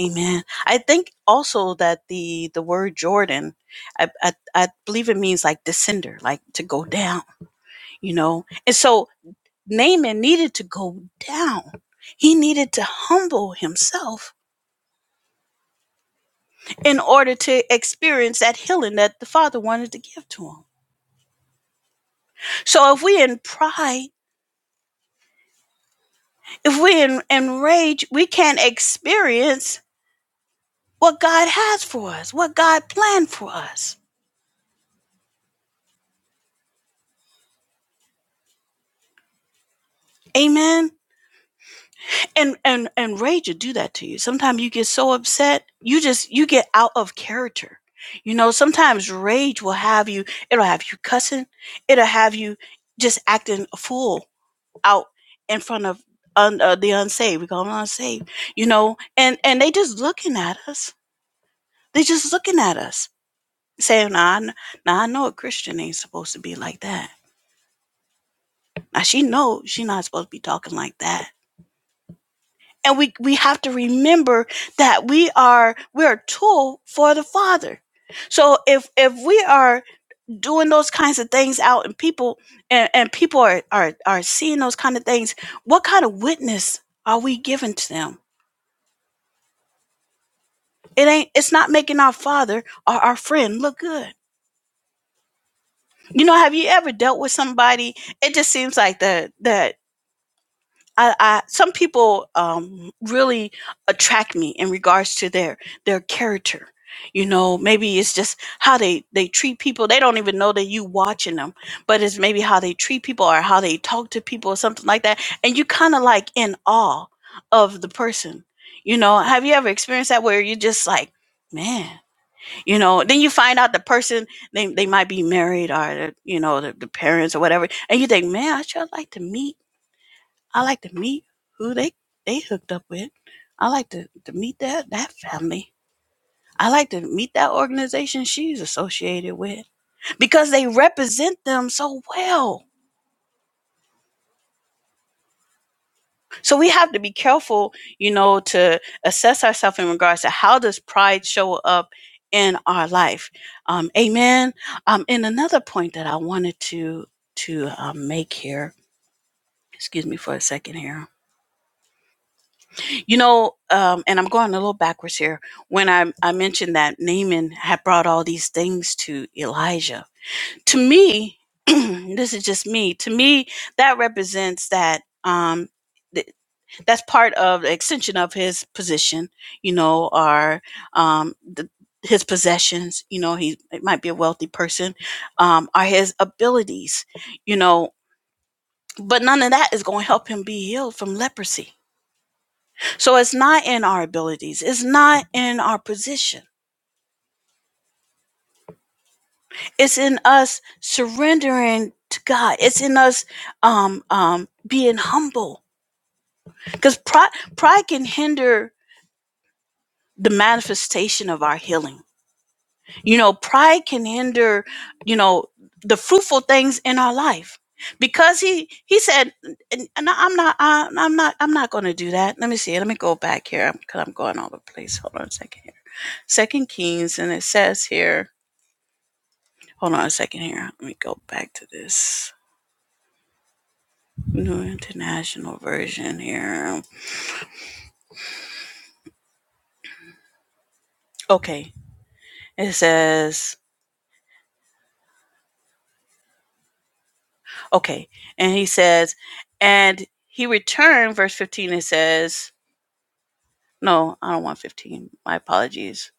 Speaker 1: Amen. I think also that the the word Jordan, I, I, I believe it means like descender, like to go down, you know. And so Naaman needed to go down. He needed to humble himself in order to experience that healing that the Father wanted to give to him. So if we in pride, if we in, in rage, we can't experience what God has for us, what God planned for us. Amen. And and and rage will do that to you. Sometimes you get so upset, you just you get out of character. You know, sometimes rage will have you, it'll have you cussing, it'll have you just acting a fool out in front of un, uh, the unsaved. We call them unsaved, you know, and and they just looking at us. They just looking at us, saying, "Nah, I nah, I know a Christian ain't supposed to be like that. Now she knows she not supposed to be talking like that." And we, we have to remember that we are, we're a tool for the Father. So if, if we are doing those kinds of things out and people, and, and people are, are, are seeing those kind of things, what kind of witness are we giving to them? It ain't, it's not making our Father or our friend look good. You know, have you ever dealt with somebody? It just seems like the, that I, I some people um, really attract me in regards to their their character. You know, maybe it's just how they they treat people. They don't even know that you watching them, but it's maybe how they treat people or how they talk to people or something like that. And you kind of like in awe of the person. You know, have you ever experienced that where you just like, man, you know? Then you find out the person they they might be married or you know the, the parents or whatever, and you think, man, I sure like to meet I like to meet who they they hooked up with. I like to, to meet that that family. I like to meet that organization she's associated with because they represent them so well. So we have to be careful, you know, to assess ourselves in regards to how does pride show up in our life. Um, amen. Um, and another point that I wanted to to um, make here. Excuse me for a second here You know, um, and I'm going a little backwards here. When I, I mentioned that Naaman had brought all these things to Elijah, to me, this is just me. To me, that represents that um, th- that's part of the extension of his position. You know, or um, the, his possessions. You know, he it might be a wealthy person. Um, are his abilities. You know, but none of that is going to help him be healed from leprosy so it's not in our abilities, it's not in our position. It's in us surrendering to God. It's in us um, um, being humble because pride, pride can hinder the manifestation of our healing. You know, pride can hinder, you know, the fruitful things in our life because he he said "N- n- nah, i'm not i'm I'm not i'm not going to do that let me see let me go back here because i'm going all over the place hold on a second here second kings and it says here Hold on a second here. Let me go back to this new international version here. Okay. It says, okay. And he says, and he returned, verse 15, it says, no, I don't want 15. My apologies.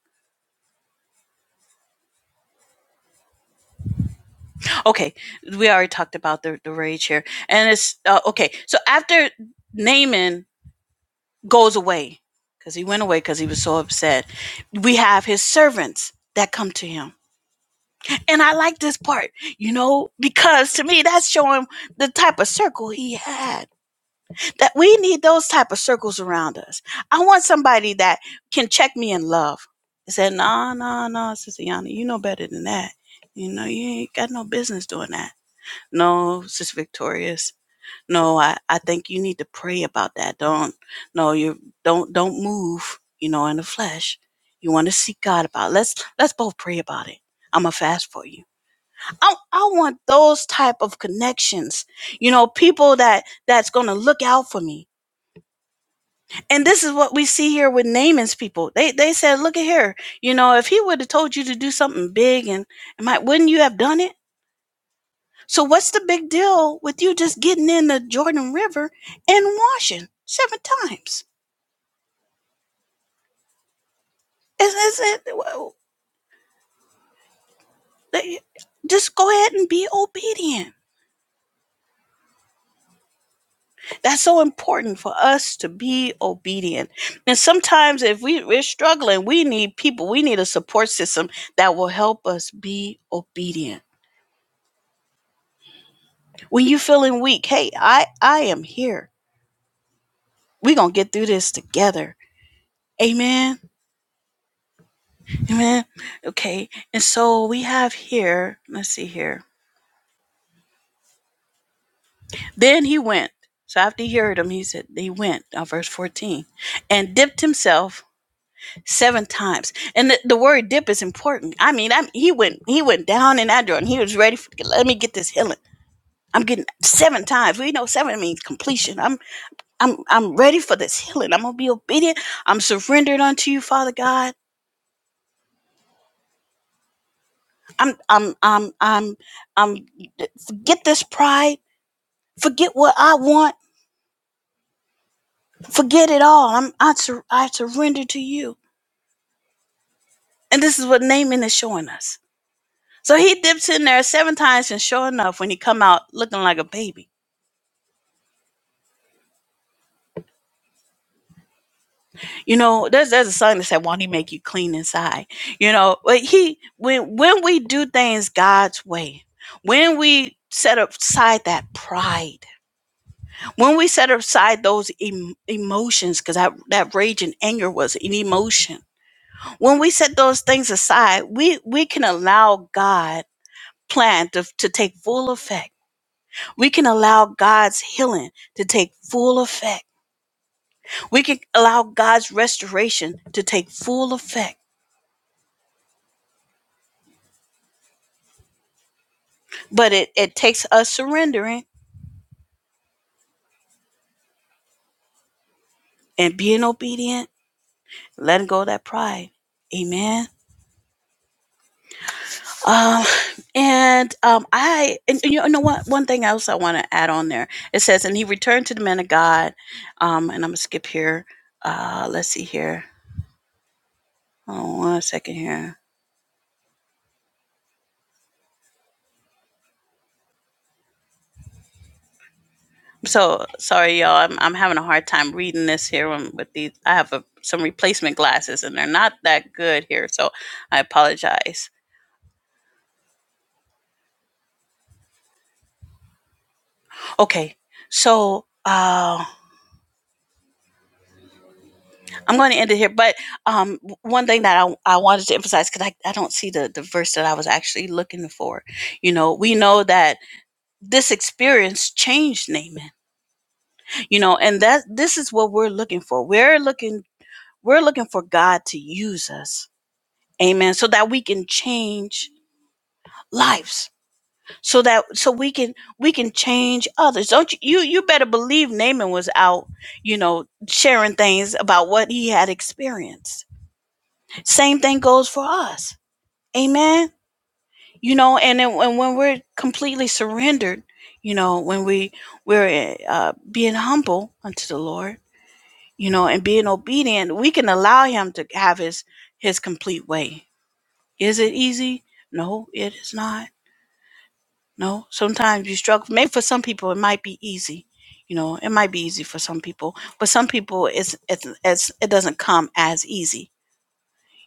Speaker 1: Okay. We already talked about the, the rage here. And it's, uh, okay. So after Naaman goes away, because he went away because he was so upset, we have his servants that come to him And I like this part, you know, because to me that's showing the type of circle he had. That we need those type of circles around us. I want somebody that can check me in love. I said, no, no, no, Sister Yana, you know better than that. You know, you ain't got no business doing that. No, Sister Victorious. No, I, I think you need to pray about that. Don't no, you don't don't move, you know, in the flesh. You want to seek God about. it. Let's let's both pray about it. I'm gonna fast for you I, I want those type of connections you know people that that's gonna look out for me and this is what we see here with Naaman's people they they said look at here you know if he would have told you to do something big and and might wouldn't you have done it so what's the big deal with you just getting in the jordan river and washing seven times is, is it well, they- just go ahead and be obedient That's so important for us to be obedient. And sometimes if we, we're struggling, we need people, we need a support system that will help us be obedient. When you're feeling weak, hey, I, I am here. We're gonna get through this together. Amen. Amen. Okay. And so we have here, let's see here. Then he went. So after he heard him, he said, he went, now verse 14, and dipped himself seven times. And the, the word dip is important. I mean, I he went he went down in that drawer and He was ready for let me get this healing. I'm getting seven times. We know seven means completion. I'm I'm I'm ready for this healing. I'm gonna be obedient. I'm surrendered unto you, Father God. I'm I'm I'm I'm I'm forget this pride. Forget what I want. Forget it all. I'm I, sur- I surrender to you. And this is what Naaman is showing us. So he dips in there seven times, and sure enough, when he come out looking like a baby, You know, there's there's a song that said, "Won't He make you clean inside?" You know, but he when when we do things God's way, when we set aside that pride, when we set aside those em- emotions, because that that rage and anger was an emotion. When we set those things aside, we we can allow God plan to, to take full effect. We can allow God's healing to take full effect. We can allow God's restoration to take full effect But it, it takes us surrendering and being obedient, letting go of that pride. Amen. Um, and um, I and you know what? One thing else I want to add on there. It says, and he returned to the man of God. Um, and I'm gonna skip here. Uh, let's see here. Oh, one second here. So sorry, y'all. I'm I'm having a hard time reading this here with these. I have a, some replacement glasses, and they're not that good here, so I apologize. Okay, so um. I'm going to end it here, but um, one thing that I, I wanted to emphasize because I, I don't see the, the verse that I was actually looking for. You know, we know that this experience changed Naaman, you know, and that this is what we're looking for. We're looking, we're looking for God to use us. Amen. So that we can change lives. So that so we can we can change others. Don't you you, you better believe Naaman was out, you know, sharing things about what he had experienced. Same thing goes for us Amen. You know, and then, and when we're completely surrendered, you know, when we we're uh, being humble unto the Lord, you know, and being obedient, we can allow Him to have His His complete way. Is it easy? No, it is not. No, sometimes you struggle. Maybe for some people, it might be easy. You know, it might be easy for some people, but some people, it's it's, it's it doesn't come as easy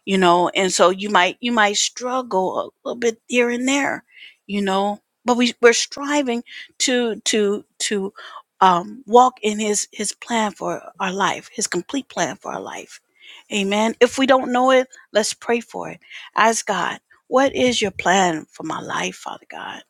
Speaker 1: you know and so you might you might struggle a little bit here and there you know but we we're striving to to to um walk in his his plan for our life his complete plan for our life amen if we don't know it let's pray for it ask god what is your plan for my life father god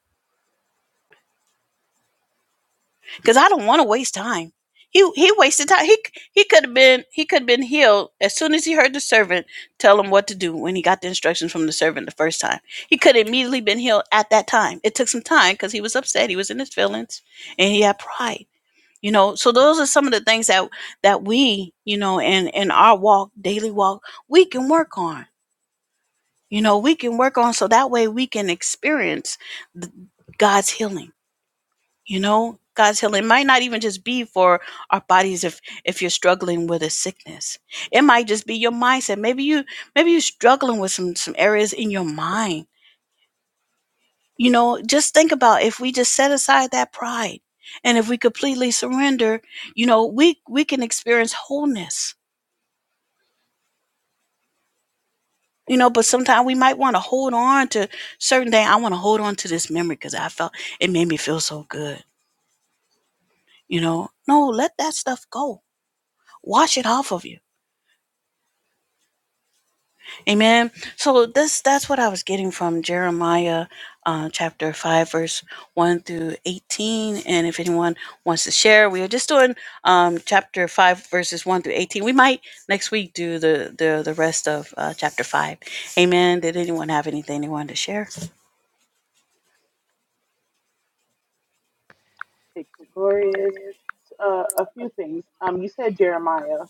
Speaker 1: because I don't want to waste time. He he wasted time. He he could have been he could have been healed as soon as he heard the servant tell him what to do when he got the instructions from the servant the first time. He could have immediately been healed at that time. It took some time because he was upset. He was in his feelings, and he had pride. You know, so those are some of the things that that we you know in in our walk daily walk we can work on. You know, we can work on so that way we can experience th- God's healing you know god's healing might not even just be for our bodies if if you're struggling with a sickness it might just be your mindset maybe you maybe you're struggling with some some areas in your mind you know just think about if we just set aside that pride and if we completely surrender you know we we can experience wholeness you know but sometimes we might want to hold on to certain thing i want to hold on to this memory because i felt it made me feel so good you know no let that stuff go wash it off of you Amen. So this that's what I was getting from Jeremiah uh, chapter 5 verse 1 through 18 and if anyone wants to share we are just doing um, chapter 5 verses 1 through 18 we might next week do the the, the rest of uh, chapter 5 amen did anyone have anything they wanted to share
Speaker 5: victorious. Uh, a few things. Um, you said Jeremiah,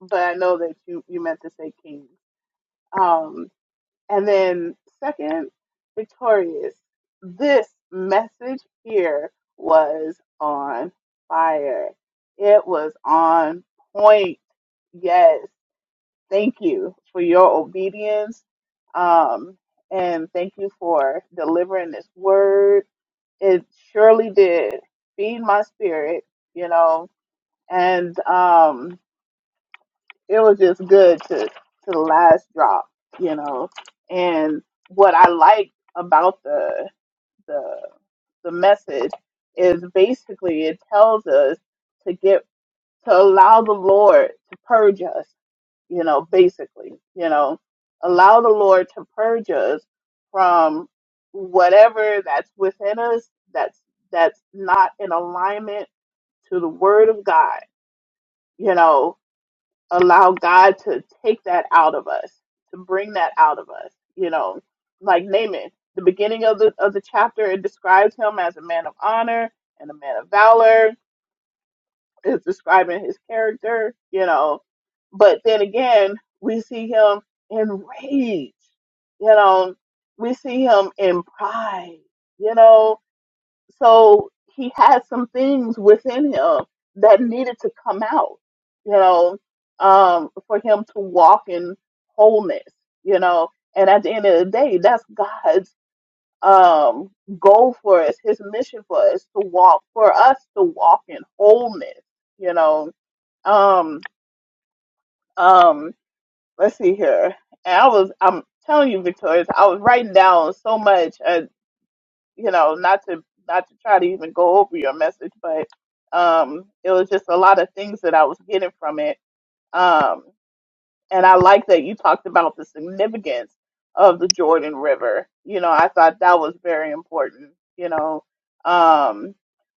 Speaker 5: but I know that you you meant to say King. And then, second, victorious. This message here was on fire. It was on point. Yes. Thank you for your obedience. Um, and thank you for delivering this word. It surely did feed my spirit, you know, and, um it was just good to to the last drop, you know. And what I like about the the the message is basically it tells us to get to allow the Lord to purge us, you know, basically, you know, allow the Lord to purge us from whatever that's within us that's that's not in alignment to the word of God, you know allow God to take that out of us, to bring that out of us. You know, like Naaman, the beginning of the of the chapter, it describes him as a man of honor and a man of valor. It's describing his character, you know. But then again, we see him enraged, you know. We see him in pride, you know so he had some things within him that needed to come out you know um for him to walk in wholeness you know and at the end of the day that's god's um goal for us his mission for us to walk for us to walk in wholeness you know um um let's see here and i was i'm telling you Victoria, i was writing down so much you know, not to not to try to even go over your message, but um, it was just a lot of things that I was getting from it. Um, and I like that you talked about the significance of the Jordan River. You know, I thought that was very important. You know, um,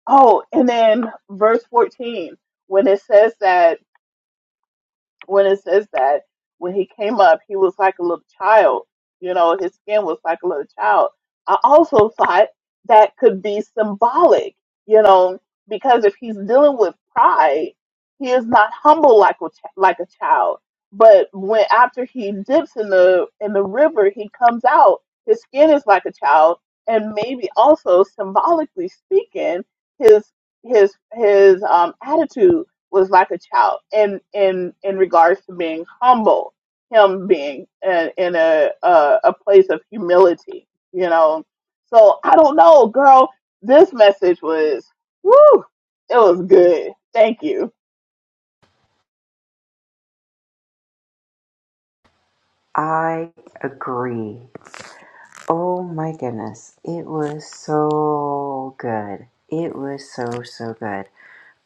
Speaker 5: oh, and then verse fourteen when it says that when it says that when he came up, he was like a little child. You know, his skin was like a little child. I also thought that could be symbolic, you know, because if he's dealing with pride, he is not humble like a ch- like a child. But when after he dips in the in the river, he comes out. His skin is like a child, and maybe also symbolically speaking, his his his um, attitude was like a child in in in regards to being humble, him being in, in a, a a place of humility, you know. So I don't know, girl. This message was woo. It was good. Thank you.
Speaker 4: I agree. Oh my goodness. It was so good. It was so, so good.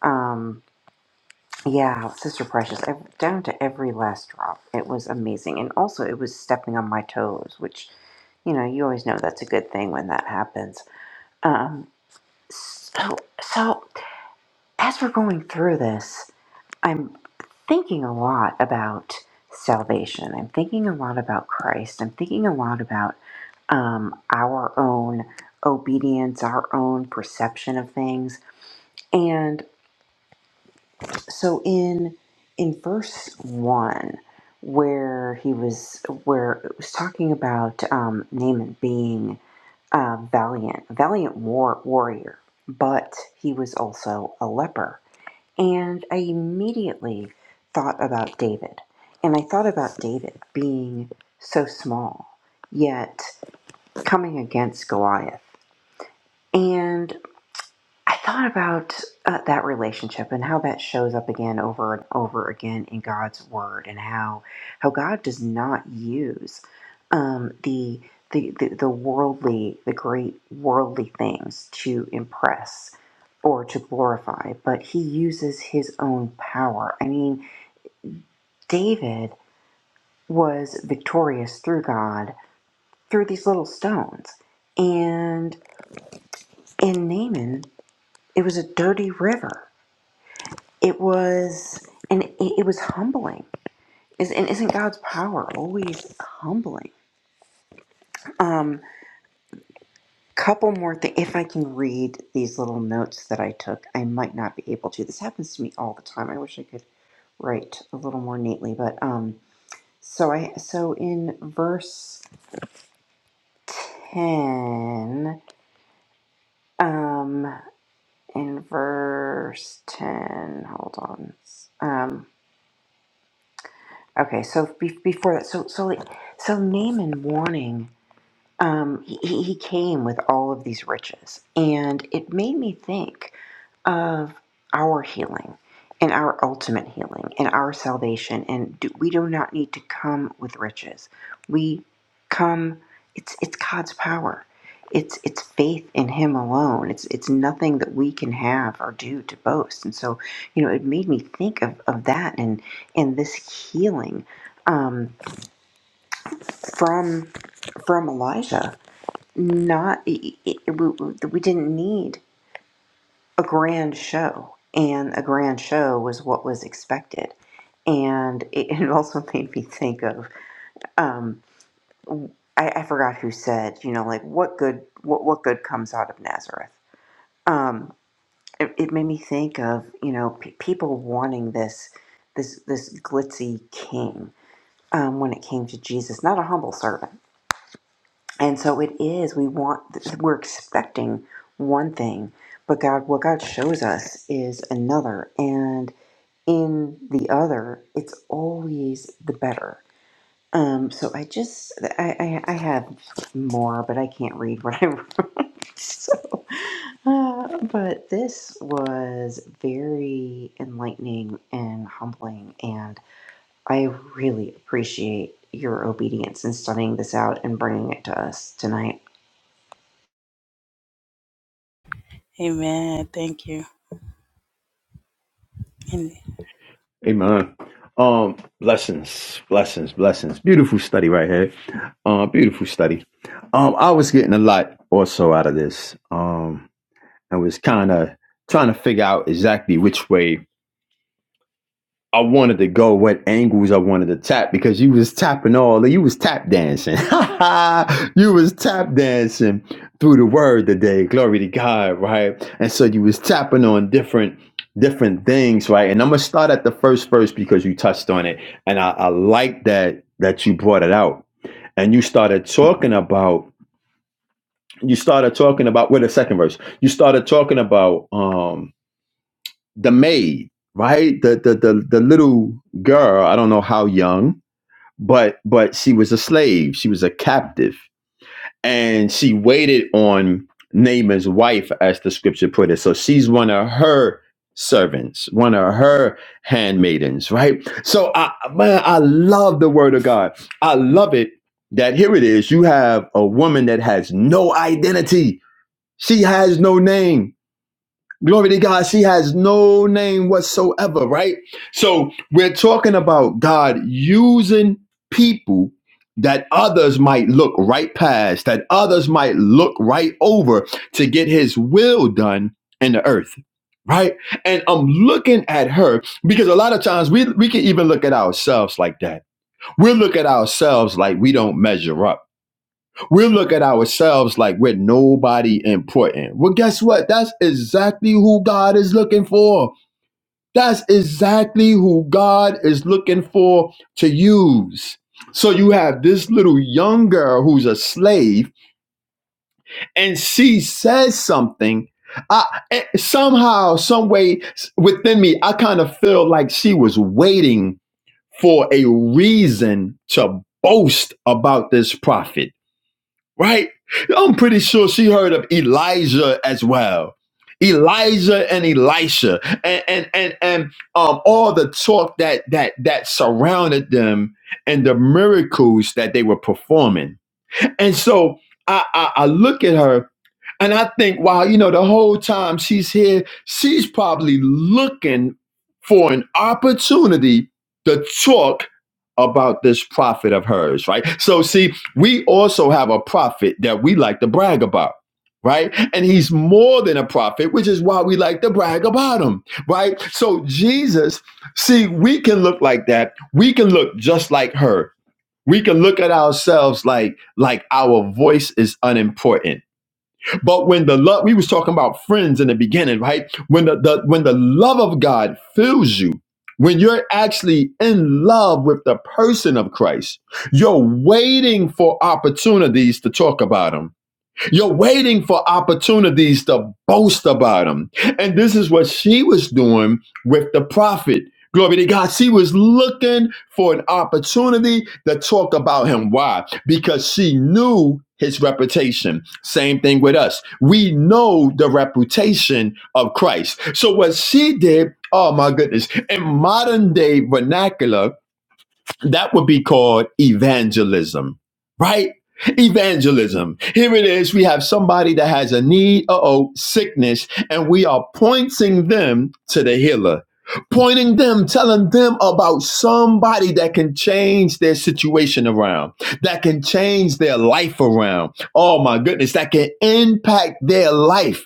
Speaker 4: Um, yeah, Sister Precious, ev down to every last drop. It was amazing. And also, it was stepping on my toes, which, you know, you always know that's a good thing when that happens. Um, so, so as we're going through this, I'm thinking a lot about salvation. I'm thinking a lot about Christ. I'm thinking a lot about um, our own obedience, our own perception of things. And so in in verse one, where he was where it was talking about um, Naaman being uh, valiant, valiant war warrior, but he was also a leper. And I immediately thought about David. And I thought about David being so small, yet coming against Goliath. And I thought about uh, that relationship and how that shows up again over and over again in God's word, and how how God does not use um, the, the the the worldly, the great worldly things to impress or to glorify, but He uses His own power. I mean, David was victorious through God through these little stones. And in Naaman, it was a dirty river. It was, and it, it was humbling. Is, and isn't God's power always humbling? Um, couple more things. If I can read these little notes that I took, I might not be able to. This happens to me all the time. I wish I could write a little more neatly, but um, so I so in verse ten. Um, in verse 10 hold on um okay so be- before that so so like so naaman warning um he, he he came with all of these riches and it made me think of our healing and our ultimate healing and our salvation and do, we do not need to come with riches we come it's it's god's power it's it's faith in him alone it's it's nothing that we can have or do to boast and so you know it made me think of, of that and and this healing um, from from elijah not it, it, we, we didn't need a grand show, and a grand show was what was expected. And it, it also made me think of um, I, I forgot who said, you know, like what good what what good comes out of Nazareth. Um, it, it made me think of you know p- people wanting this this this glitzy king um, when it came to Jesus, not a humble servant. And so it is. We want we're expecting one thing, but God, what God shows us is another. And in the other, it's always the better. Um, so I just, I, I, I have more, but I can't read what I wrote. so, uh, but this was very enlightening and humbling, and I really appreciate your obedience in studying this out and bringing it to us tonight.
Speaker 1: amen thank you And
Speaker 2: Amen. Um, blessings, blessings, blessings. Beautiful study right here. Uh, beautiful study. Um, I was getting a lot also out of this. Um, I was kind of trying to figure out exactly which way. I wanted to go what angles I wanted to tap because you was tapping all you was tap dancing. you was tap dancing through the word today. Glory to God, right? And so you was tapping on different different things, right? And I'm gonna start at the first verse because you touched on it. And I, I like that that you brought it out. And you started talking about you started talking about with well, the second verse. You started talking about um the maid, right? The, the the the little girl, I don't know how young, but but she was a slave, she was a captive, and she waited on Naaman's wife, as the scripture put it. So she's one of her servants, one of her handmaidens, right? So I man, I love the word of God. I love it that here it is. You have a woman that has no identity. She has no name Glory to God. She has no name whatsoever, right? So we're talking about God using people that others might look right past, that others might look right over to get his will done in the earth. Right. And I'm looking at her because a lot of times we, we can even look at ourselves like that. We'll look at ourselves like we don't measure up we look at ourselves like we're nobody important. Well, guess what? That's exactly who God is looking for. That's exactly who God is looking for to use. So you have this little young girl who's a slave, and she says something. I, eh, somehow, some way s- within me, I kind of feel like she was waiting for a reason to boast about this prophet right? I'm pretty sure she heard of Elijah as well. Elijah and Elisha and and and, and um, all the talk that that that surrounded them and the miracles that they were performing. And so I, I, I look at her and I think, wow, you know, the whole time she's here, she's probably looking for an opportunity to talk about this prophet of hers, right? So, see, we also have a prophet that we like to brag about. Right? And he's more than a prophet, which is why we like to brag about him. Right? So, Jesus, see, we can look like that. We can look just like her. We can look at ourselves like like our voice is unimportant but when the love, we was talking about friends in the beginning, right? When the, the when the love of God fills you, when you're actually in love with the person of Christ, you're waiting for opportunities to talk about him you're waiting for opportunities to boast about them. And this is what she was doing with the prophet. Glory to God. She was looking for an opportunity to talk about him. Why? Because she knew his reputation. Same thing with us. We know the reputation of Christ. So what she did, oh my goodness, in modern day vernacular, that would be called evangelism, right? Evangelism. Here it is. We have somebody that has a need, uh oh, sickness, and we are pointing them to the healer, pointing them, telling them about somebody that can change their situation around, that can change their life around. Oh my goodness, that can impact their life.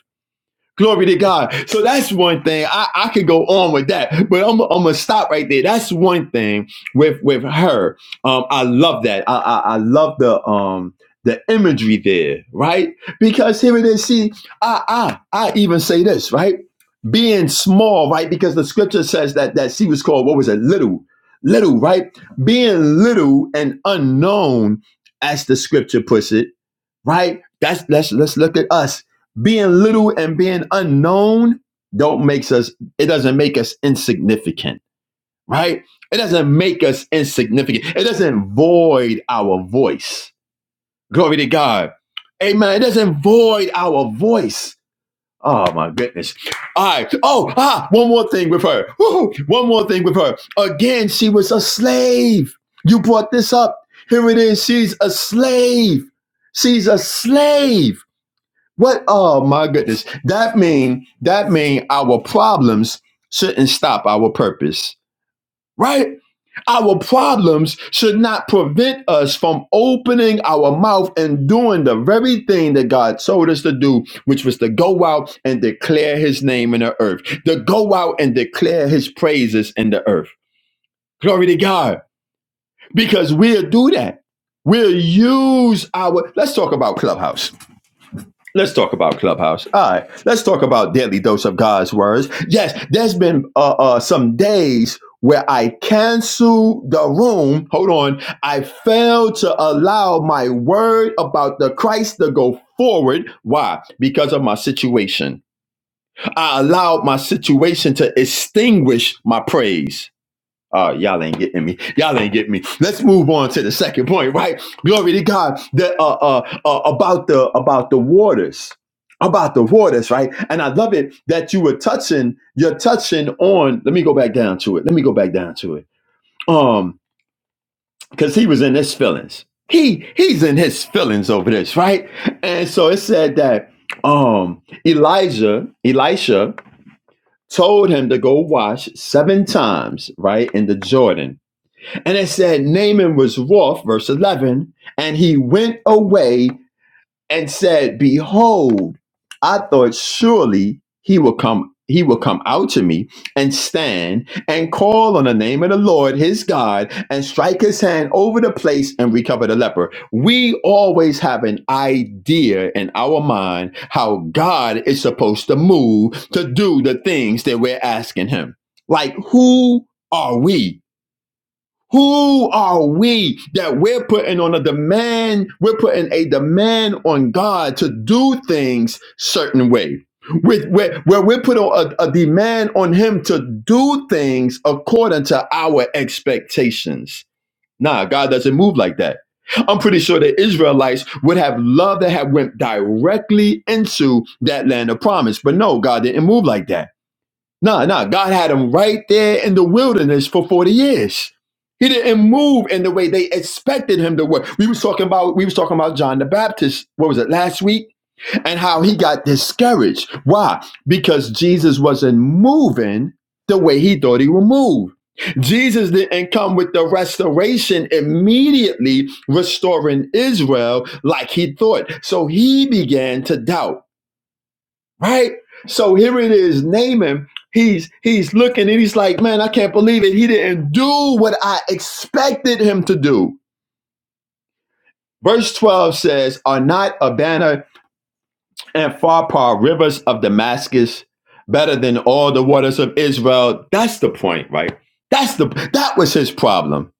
Speaker 2: Glory to God. So that's one thing. I, I could go on with that, but I'm, I'm gonna stop right there. That's one thing with with her. Um, I love that. I, I I love the um the imagery there, right? Because here it is. See, I I I even say this, right? Being small, right? Because the scripture says that that she was called what was it? Little, little, right? Being little and unknown, as the scripture puts it right? That's let's let's look at us. Being little and being unknown don't makes us it doesn't make us insignificant, right? It doesn't make us insignificant. It doesn't void our voice. Glory to God. Amen. It doesn't void our voice. Oh my goodness. All right. Oh, ah, one more thing with her. Woo-hoo. One more thing with her. Again, she was a slave. You brought this up. Here it is. She's a slave. She's a slave what? Oh my goodness. That mean that mean our problems shouldn't stop our purpose, right? Our problems should not prevent us from opening our mouth and doing the very thing that God told us to do, which was to go out and declare His name in the earth, to go out and declare His praises in the earth. Glory to God, because we'll do that. We'll use our. Let's talk about Clubhouse. Let's talk about Clubhouse. All right. Let's talk about Daily Dose of God's Words. Yes, there's been uh, uh, some days where I cancel the room. Hold on. I failed to allow my word about the Christ to go forward. Why? Because of my situation. I allowed my situation to extinguish my praise. Uh, y'all ain't getting me. Y'all ain't getting me. Let's move on to the second point, right? Glory to God. The uh, uh, uh about the about the waters, about the waters, right? And I love it that you were touching. You're touching on. Let me go back down to it. Let me go back down to it. Um, because he was in his feelings. He he's in his feelings over this, right? And so it said that um Elijah, Elisha told him to go wash seven times, right, in the Jordan and it said Naaman was wroth, verse 11, and he went away and said, Behold, I thought surely he will come. He will come out to me and stand and call on the name of the Lord his God and strike his hand over the place and recover the leper. We always have an idea in our mind how God is supposed to move to do the things that we're asking him. Like, who are we? Who are we that we're putting on a demand? We're putting a demand on God to do things certain way. Where, where, where we're putting a, a demand on Him to do things according to our expectations. Nah, God doesn't move like that. I'm pretty sure the Israelites would have loved to have went directly into that land of promise, but no, God didn't move like that. No, no, God had him right there in the wilderness for 40 years. He didn't move in the way they expected him to work. We was talking about we was talking about John the Baptist, what was it, last week? And how he got discouraged. Why? Because Jesus wasn't moving the way he thought he would move. Jesus didn't come with the restoration immediately restoring Israel like he thought. So he began to doubt right? So here it is, Naaman. He's he's looking and he's like, man, I can't believe it. He didn't do what I expected him to do. Verse 12 says, Are not Abana and Pharpar rivers of Damascus better than all the waters of Israel? That's the point, right? That's the that was his problem.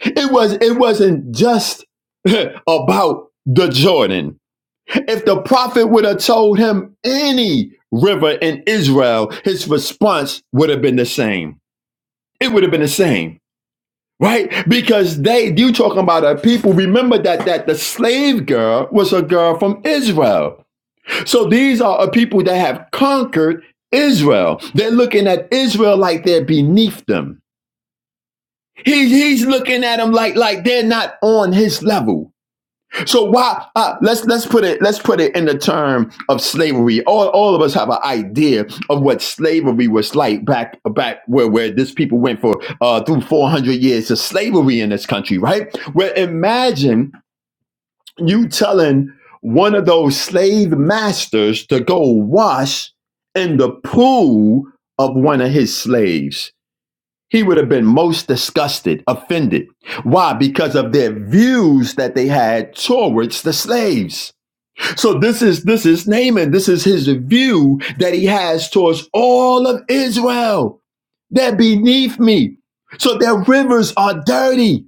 Speaker 2: It was it wasn't just about the Jordan. If the prophet would have told him any river in Israel, his response would have been the same. It would have been the same, right? Because they, you talking about a people, remember that that the slave girl was a girl from Israel. So these are a people that have conquered Israel. They're looking at Israel like they're beneath them. He, he's looking at them like, like they're not on his level. So why uh, let's let's put it let's put it in the term of slavery. All all of us have an idea of what slavery was like back back where where this people went for uh, through four hundred years of slavery in this country, right? Where imagine you telling one of those slave masters to go wash in the pool of one of his slaves he would have been most disgusted, offended. Why? Because of their views that they had towards the slaves. So this is this is Naaman. This is his view that he has towards all of Israel. They're beneath me. So their rivers are dirty.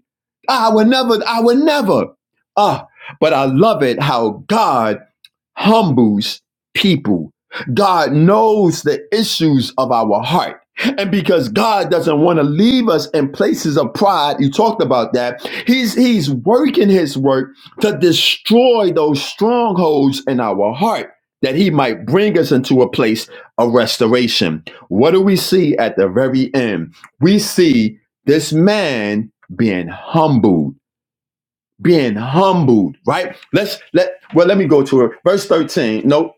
Speaker 2: I will never, I will never. Ah, but I love it how God humbles people. God knows the issues of our heart. And because God doesn't want to leave us in places of pride, you talked about that. He's he's working his work to destroy those strongholds in our heart that he might bring us into a place of restoration. What do we see at the very end? We see this man being humbled being humbled, right? Let's let well, let me go to it. Verse 13. No,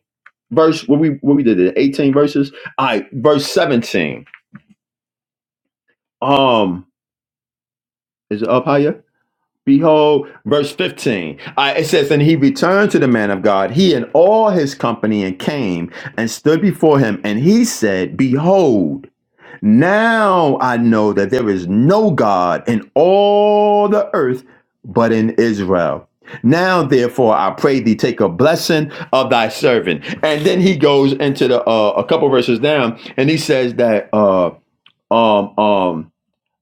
Speaker 2: verse what we what we did it, 18 verses. All right, verse 17. Um, is it up higher? Behold, verse 15. All right, it says, And he returned to the man of God, he and all his company, and came and stood before him, and he said, Behold. Now I know that there is no God in all the earth but in Israel. Now, therefore, I pray thee take a blessing of thy servant. And then he goes into the uh, a couple verses down, and he says that uh, um um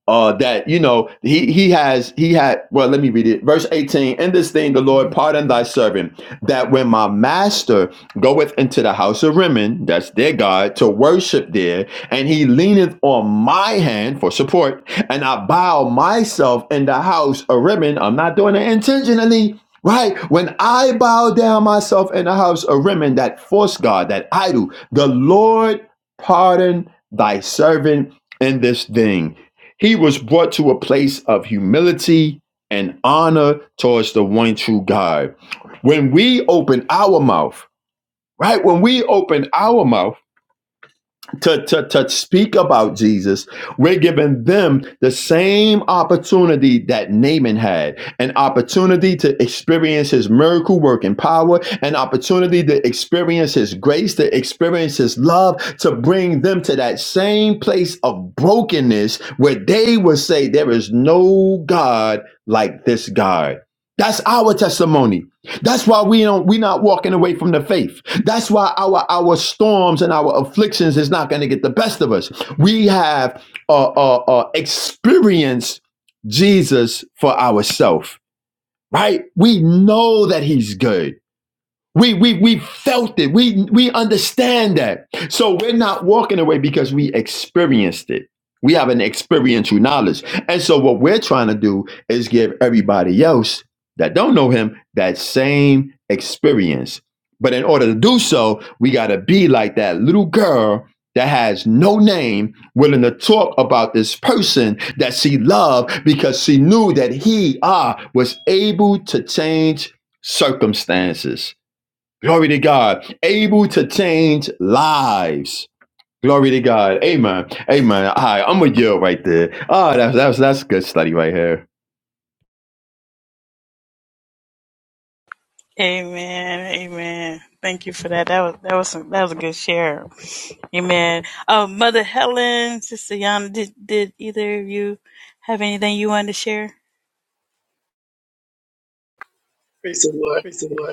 Speaker 2: uh, that you know he he has he had well let me read it verse 18 in this thing the lord pardon thy servant that when my master goeth into the house of rimmon that's their god to worship there and he leaneth on my hand for support and i bow myself in the house of rimmon i'm not doing it intentionally Right when I bow down myself in the house of Rimmon, that false god, that idol, the Lord pardon thy servant in this thing he was brought to a place of humility and honor towards the one true God. When we open our mouth, right? When we open our mouth, to, to, to speak about Jesus, we're giving them the same opportunity that Naaman had an opportunity to experience his miracle working power, an opportunity to experience his grace, to experience his love, to bring them to that same place of brokenness where they would say, There is no God like this God. That's our testimony. That's why we don't we are not walking away from the faith. That's why our our storms and our afflictions is not going to get the best of us. We have uh, uh, uh, experienced Jesus for ourselves, right? We know that He's good. We, we, we felt it. We, we understand that. So we're not walking away because we experienced it. We have an experiential knowledge. And so what we're trying to do is give everybody else that don't know him that same experience. But in order to do so, we got to be like that little girl that has no name willing to talk about this person that she loved because she knew that he ah was able to change circumstances Glory to God. Able to change lives. Glory to God. Amen. Amen. All right, I'm with you right there. Oh, that's that's that's good study right here.
Speaker 1: Amen. Amen. Thank you for that. That was that was some, that was a good share. Amen. Oh, Mother Helen, Sister Yana, did did either of you have anything you wanted to share?
Speaker 7: Praise the Lord.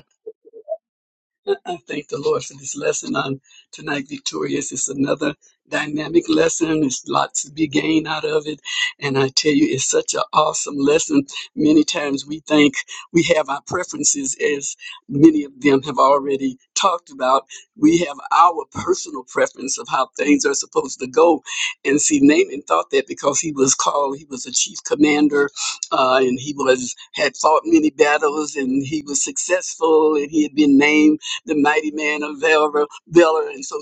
Speaker 7: I thank the Lord for this lesson on tonight, Victorious. It's another dynamic lesson. There's lots to be gained out of it. And I tell you, it's such an awesome lesson. Many times we think we have our preferences, as many of them have already talked about. We have our personal preference of how things are supposed to go. And see, Naaman thought that because he was called, he was a chief commander uh, and he was had fought many battles and he was successful and he had been named the mighty man of Valor. Valor. And so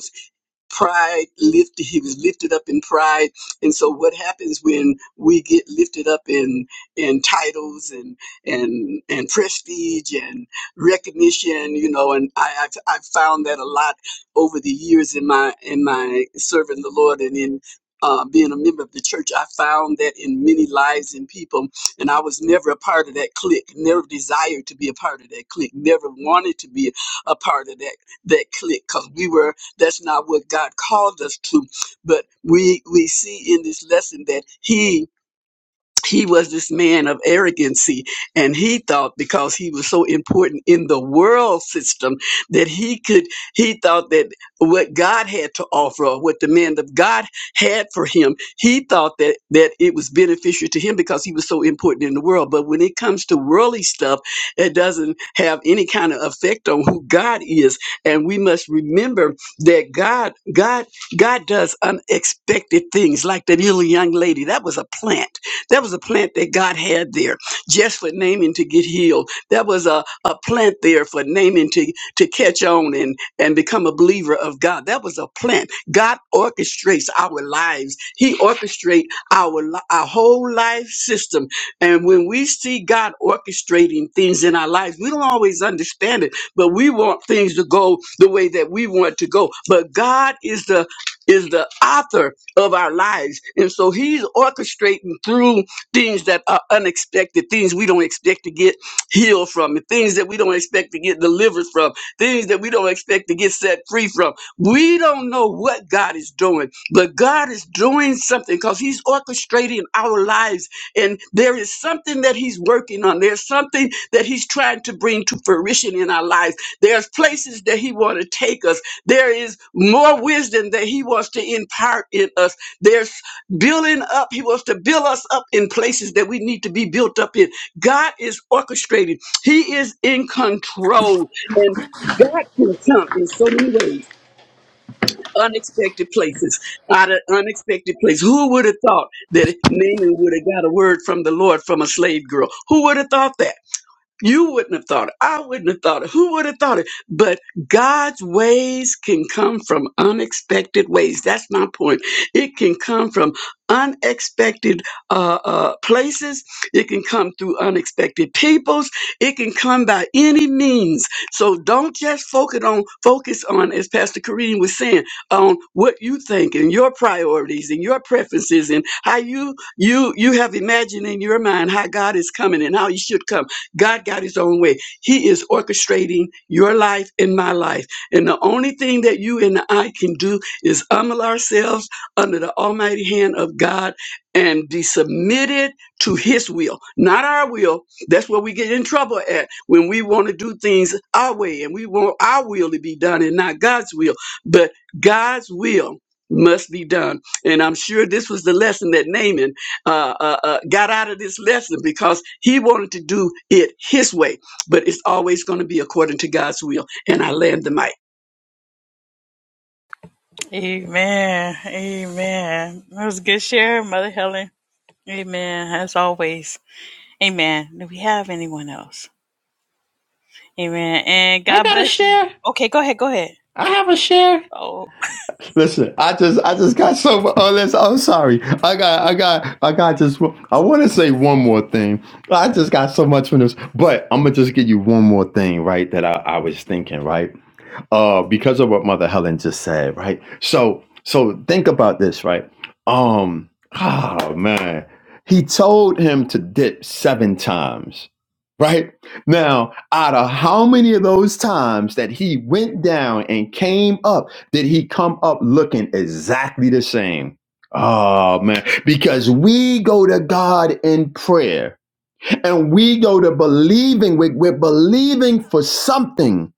Speaker 7: pride lift he was lifted up in pride and so what happens when we get lifted up in in titles and and and prestige and recognition you know and i i've, I've found that a lot over the years in my in my serving the lord and in uh, being a member of the church, I found that in many lives and people, and I was never a part of that clique, never desired to be a part of that clique, never wanted to be a part of that that clique, because we were that's not what God called us to. But we we see in this lesson that He he was this man of arrogancy and he thought because he was so important in the world system that he could he thought that what god had to offer or what the man of god had for him he thought that that it was beneficial to him because he was so important in the world but when it comes to worldly stuff it doesn't have any kind of effect on who god is and we must remember that god god god does unexpected things like that little young lady that was a plant that was a plant that God had there just for Naaman to get healed. That was a, a plant there for Naaman to, to catch on and, and become a believer of God. That was a plant. God orchestrates our lives. He orchestrates our, li- our whole life system. And when we see God orchestrating things in our lives, we don't always understand it, but we want things to go the way that we want to go. But God is the is the author of our lives. And so he's orchestrating through things that are unexpected, things we don't expect to get healed from, and things that we don't expect to get delivered from, things that we don't expect to get set free from. We don't know what God is doing, but God is doing something because he's orchestrating our lives. And there is something that he's working on. There's something that he's trying to bring to fruition in our lives. There's places that he want to take us. There is more wisdom that he wants to impart in us. There's building up. He wants to build us up in places that we need to be built up in. God is orchestrating. He is in control. And God can come in so many ways, unexpected places, out of unexpected places. Who would have thought that Naaman would have got a word from the Lord from a slave girl? Who would have thought that? You wouldn't have thought it. I wouldn't have thought it. Who would have thought it? But God's ways can come from unexpected ways. That's my point. It can come from unexpected uh, uh, places. It can come through unexpected peoples. It can come by any means. So don't just focus on focus on, as Pastor Kareem was saying, on what you think and your priorities and your preferences and how you you you have imagined in your mind how God is coming and how He should come God got his own way. He is orchestrating your life and my life. And the only thing that you and I can do is humble ourselves under the almighty hand of God and be submitted to his will, not our will. That's where we get in trouble at when we want to do things our way and we want our will to be done and not God's will. But God's will must be done. And I'm sure this was the lesson that Naaman uh, uh, uh, got out of this lesson because he wanted to do it his way, but it's always going to be according to God's will. And I land the mic.
Speaker 1: Amen. Amen. That was a good share, Mother Helen. Amen. As always. Amen. Do we have anyone else? Amen. And
Speaker 2: I
Speaker 1: God
Speaker 2: got a
Speaker 1: bless you.
Speaker 2: share.
Speaker 1: Okay, go ahead. Go ahead.
Speaker 2: I have a share.
Speaker 1: Oh.
Speaker 2: Listen, I just I just got so Oh, listen, I'm sorry. I got I got I got just. I want to say one more thing. I just got so much from this, but I'm gonna just give you one more thing, right? That I, I was thinking, right? uh, because of what Mother Helen just said, right? So, so think about this, right? Um, oh man, he told him to dip seven times, right? Now, out of how many of those times that he went down and came up, did he come up looking exactly the same? Oh man, because we go to God in prayer and we go to believing, we're, we're believing for something.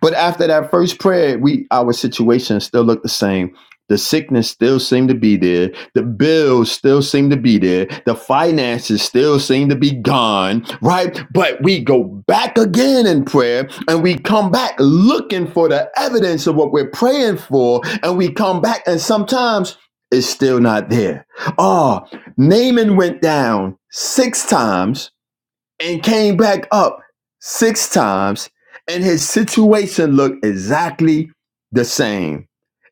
Speaker 2: But after that first prayer, we our situation still looked the same. The sickness still seemed to be there. The bills still seem to be there. The finances still seem to be gone, right? But we go back again in prayer and we come back looking for the evidence of what we're praying for. And we come back and sometimes it's still not there. Oh, Naaman went down six times and came back up six times, and his situation looked exactly the same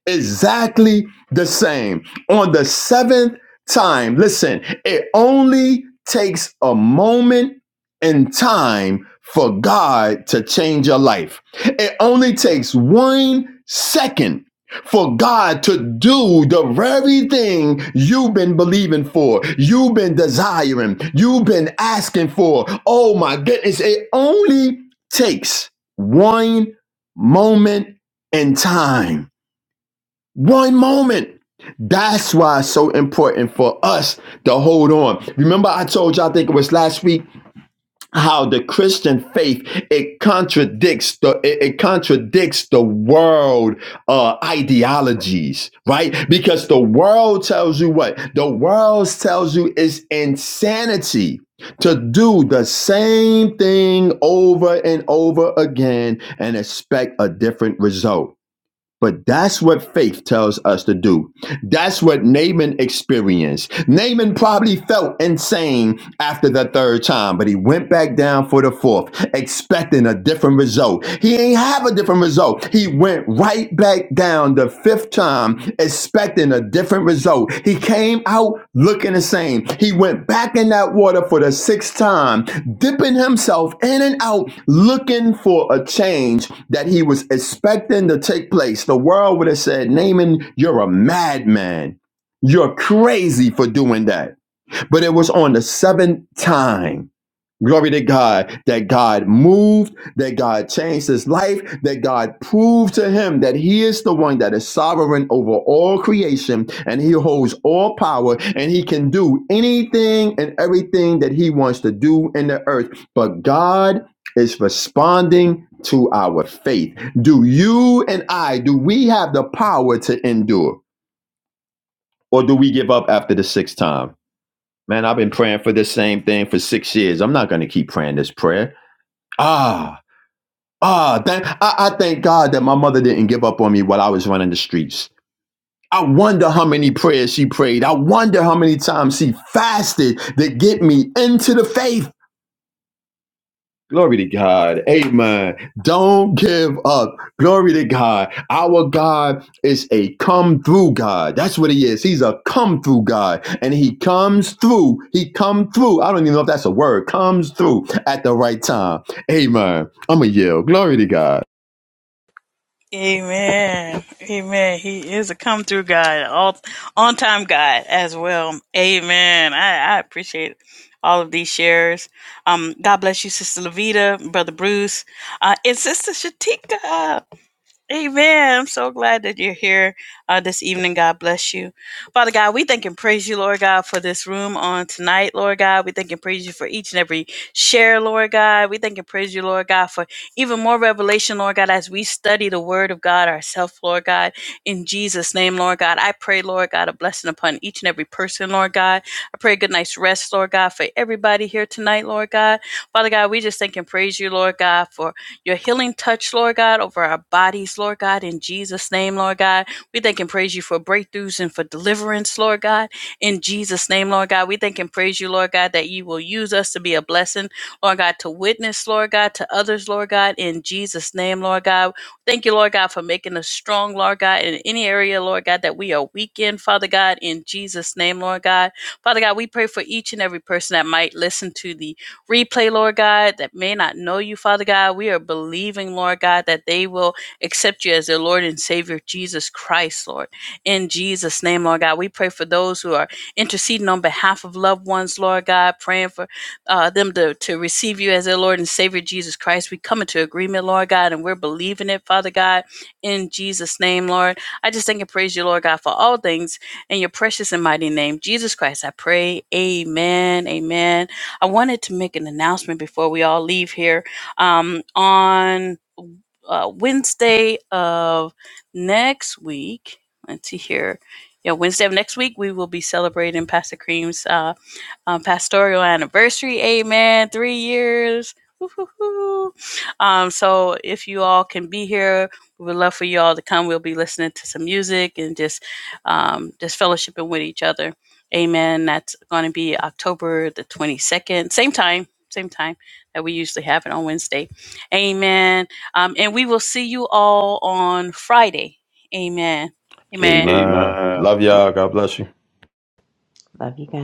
Speaker 2: exactly the same. On the seventh time, listen, it only takes a moment in time for God to change your life. It only takes one second for God to do the very thing you've been believing for, you've been desiring, you've been asking for. Oh my goodness, it only takes one moment in time. One moment. That's why it's so important for us to hold on. Remember, I told you, I think it was last week, how the Christian faith it contradicts the it, it contradicts the world uh, ideologies, right? Because the world tells you what the world tells you is insanity to do the same thing over and over again and expect a different result. But that's what faith tells us to do. That's what Naaman experienced. Naaman probably felt insane after the third time, but he went back down for the fourth, expecting a different result. He ain't have a different result. He went right back down the fifth time, expecting a different result. He came out looking the same. He went back in that water for the sixth time, dipping himself in and out, looking for a change that he was expecting to take place. The world would have said, Naaman, you're a madman. You're crazy for doing that. But it was on the seventh time Glory to God that God moved, that God changed his life, that God proved to him that he is the one that is sovereign over all creation and he holds all power and he can do anything and everything that he wants to do in the earth. But God is responding to our faith. Do you and I, do we have the power to endure or do we give up after the sixth time? Man, I've been praying for this same thing for six years. I'm not going to keep praying this prayer. Ah, ah, thank, I, I thank God that my mother didn't give up on me while I was running the streets. I wonder how many prayers she prayed. I wonder how many times she fasted to get me into the faith. Glory to God. Amen. Don't give up. Glory to God. Our God is a come through God. That's what he is. He's a come through God. And he comes through. He come through. I don't even know if that's a word. Comes through at the right time. Amen. I'm a yell. Glory to God.
Speaker 1: Amen. Amen. He is a come through God, all on time God as well. Amen. I, I appreciate all of these shares. Um, God bless you, Sister Levita, Brother Bruce, uh, and Sister Shatika. Amen. I'm so glad that you're here uh, this evening. God bless you. Father God, we thank and praise you, Lord God, for this room on tonight, Lord God. We thank and praise you for each and every share, Lord God. We thank and praise you, Lord God, for even more revelation, Lord God, as we study the word of God ourselves, Lord God. In Jesus' name, Lord God, I pray, Lord God, a blessing upon each and every person, Lord God. I pray a good night's rest, Lord God, for everybody here tonight, Lord God. Father God, we just thank and praise you, Lord God, for your healing touch, Lord God, over our bodies, Lord God, in Jesus' name, Lord God. We thank and praise you for breakthroughs and for deliverance, Lord God, in Jesus' name, Lord God. We thank and praise you, Lord God, that you will use us to be a blessing, Lord God, to witness, Lord God, to others, Lord God, in Jesus' name, Lord God. Thank you, Lord God, for making us strong, Lord God, in any area, Lord God, that we are weak in, Father God, in Jesus' name, Lord God. Father God, we pray for each and every person that might listen to the replay, Lord God, that may not know you, Father God. We are believing, Lord God, that they will accept you as their Lord and Savior, Jesus Christ, Lord. In Jesus' name, Lord God, we pray for those who are interceding on behalf of loved ones, Lord God, praying for uh, them to, to receive you as their Lord and Savior, Jesus Christ. We come into agreement, Lord God, and we're believing it, Father God, in Jesus' name, Lord. I just thank and praise you, Lord God, for all things in your precious and mighty name, Jesus Christ. I pray, Amen, Amen. I wanted to make an announcement before we all leave here. Um, on uh, Wednesday of next week, let's see here. Yeah, Wednesday of next week, we will be celebrating Pastor Cream's uh, um, pastoral anniversary. Amen. Three years. Woo-hoo-hoo. Um, so if you all can be here, we would love for you all to come. We'll be listening to some music and just um, just fellowshipping with each other. Amen. That's going to be October the 22nd, same time, same time that we usually have it on Wednesday. Amen. Um, and we will see you all on Friday. Amen. Amen.
Speaker 2: Amen. Love
Speaker 1: Amen.
Speaker 2: y'all. God bless you.
Speaker 4: Love you guys.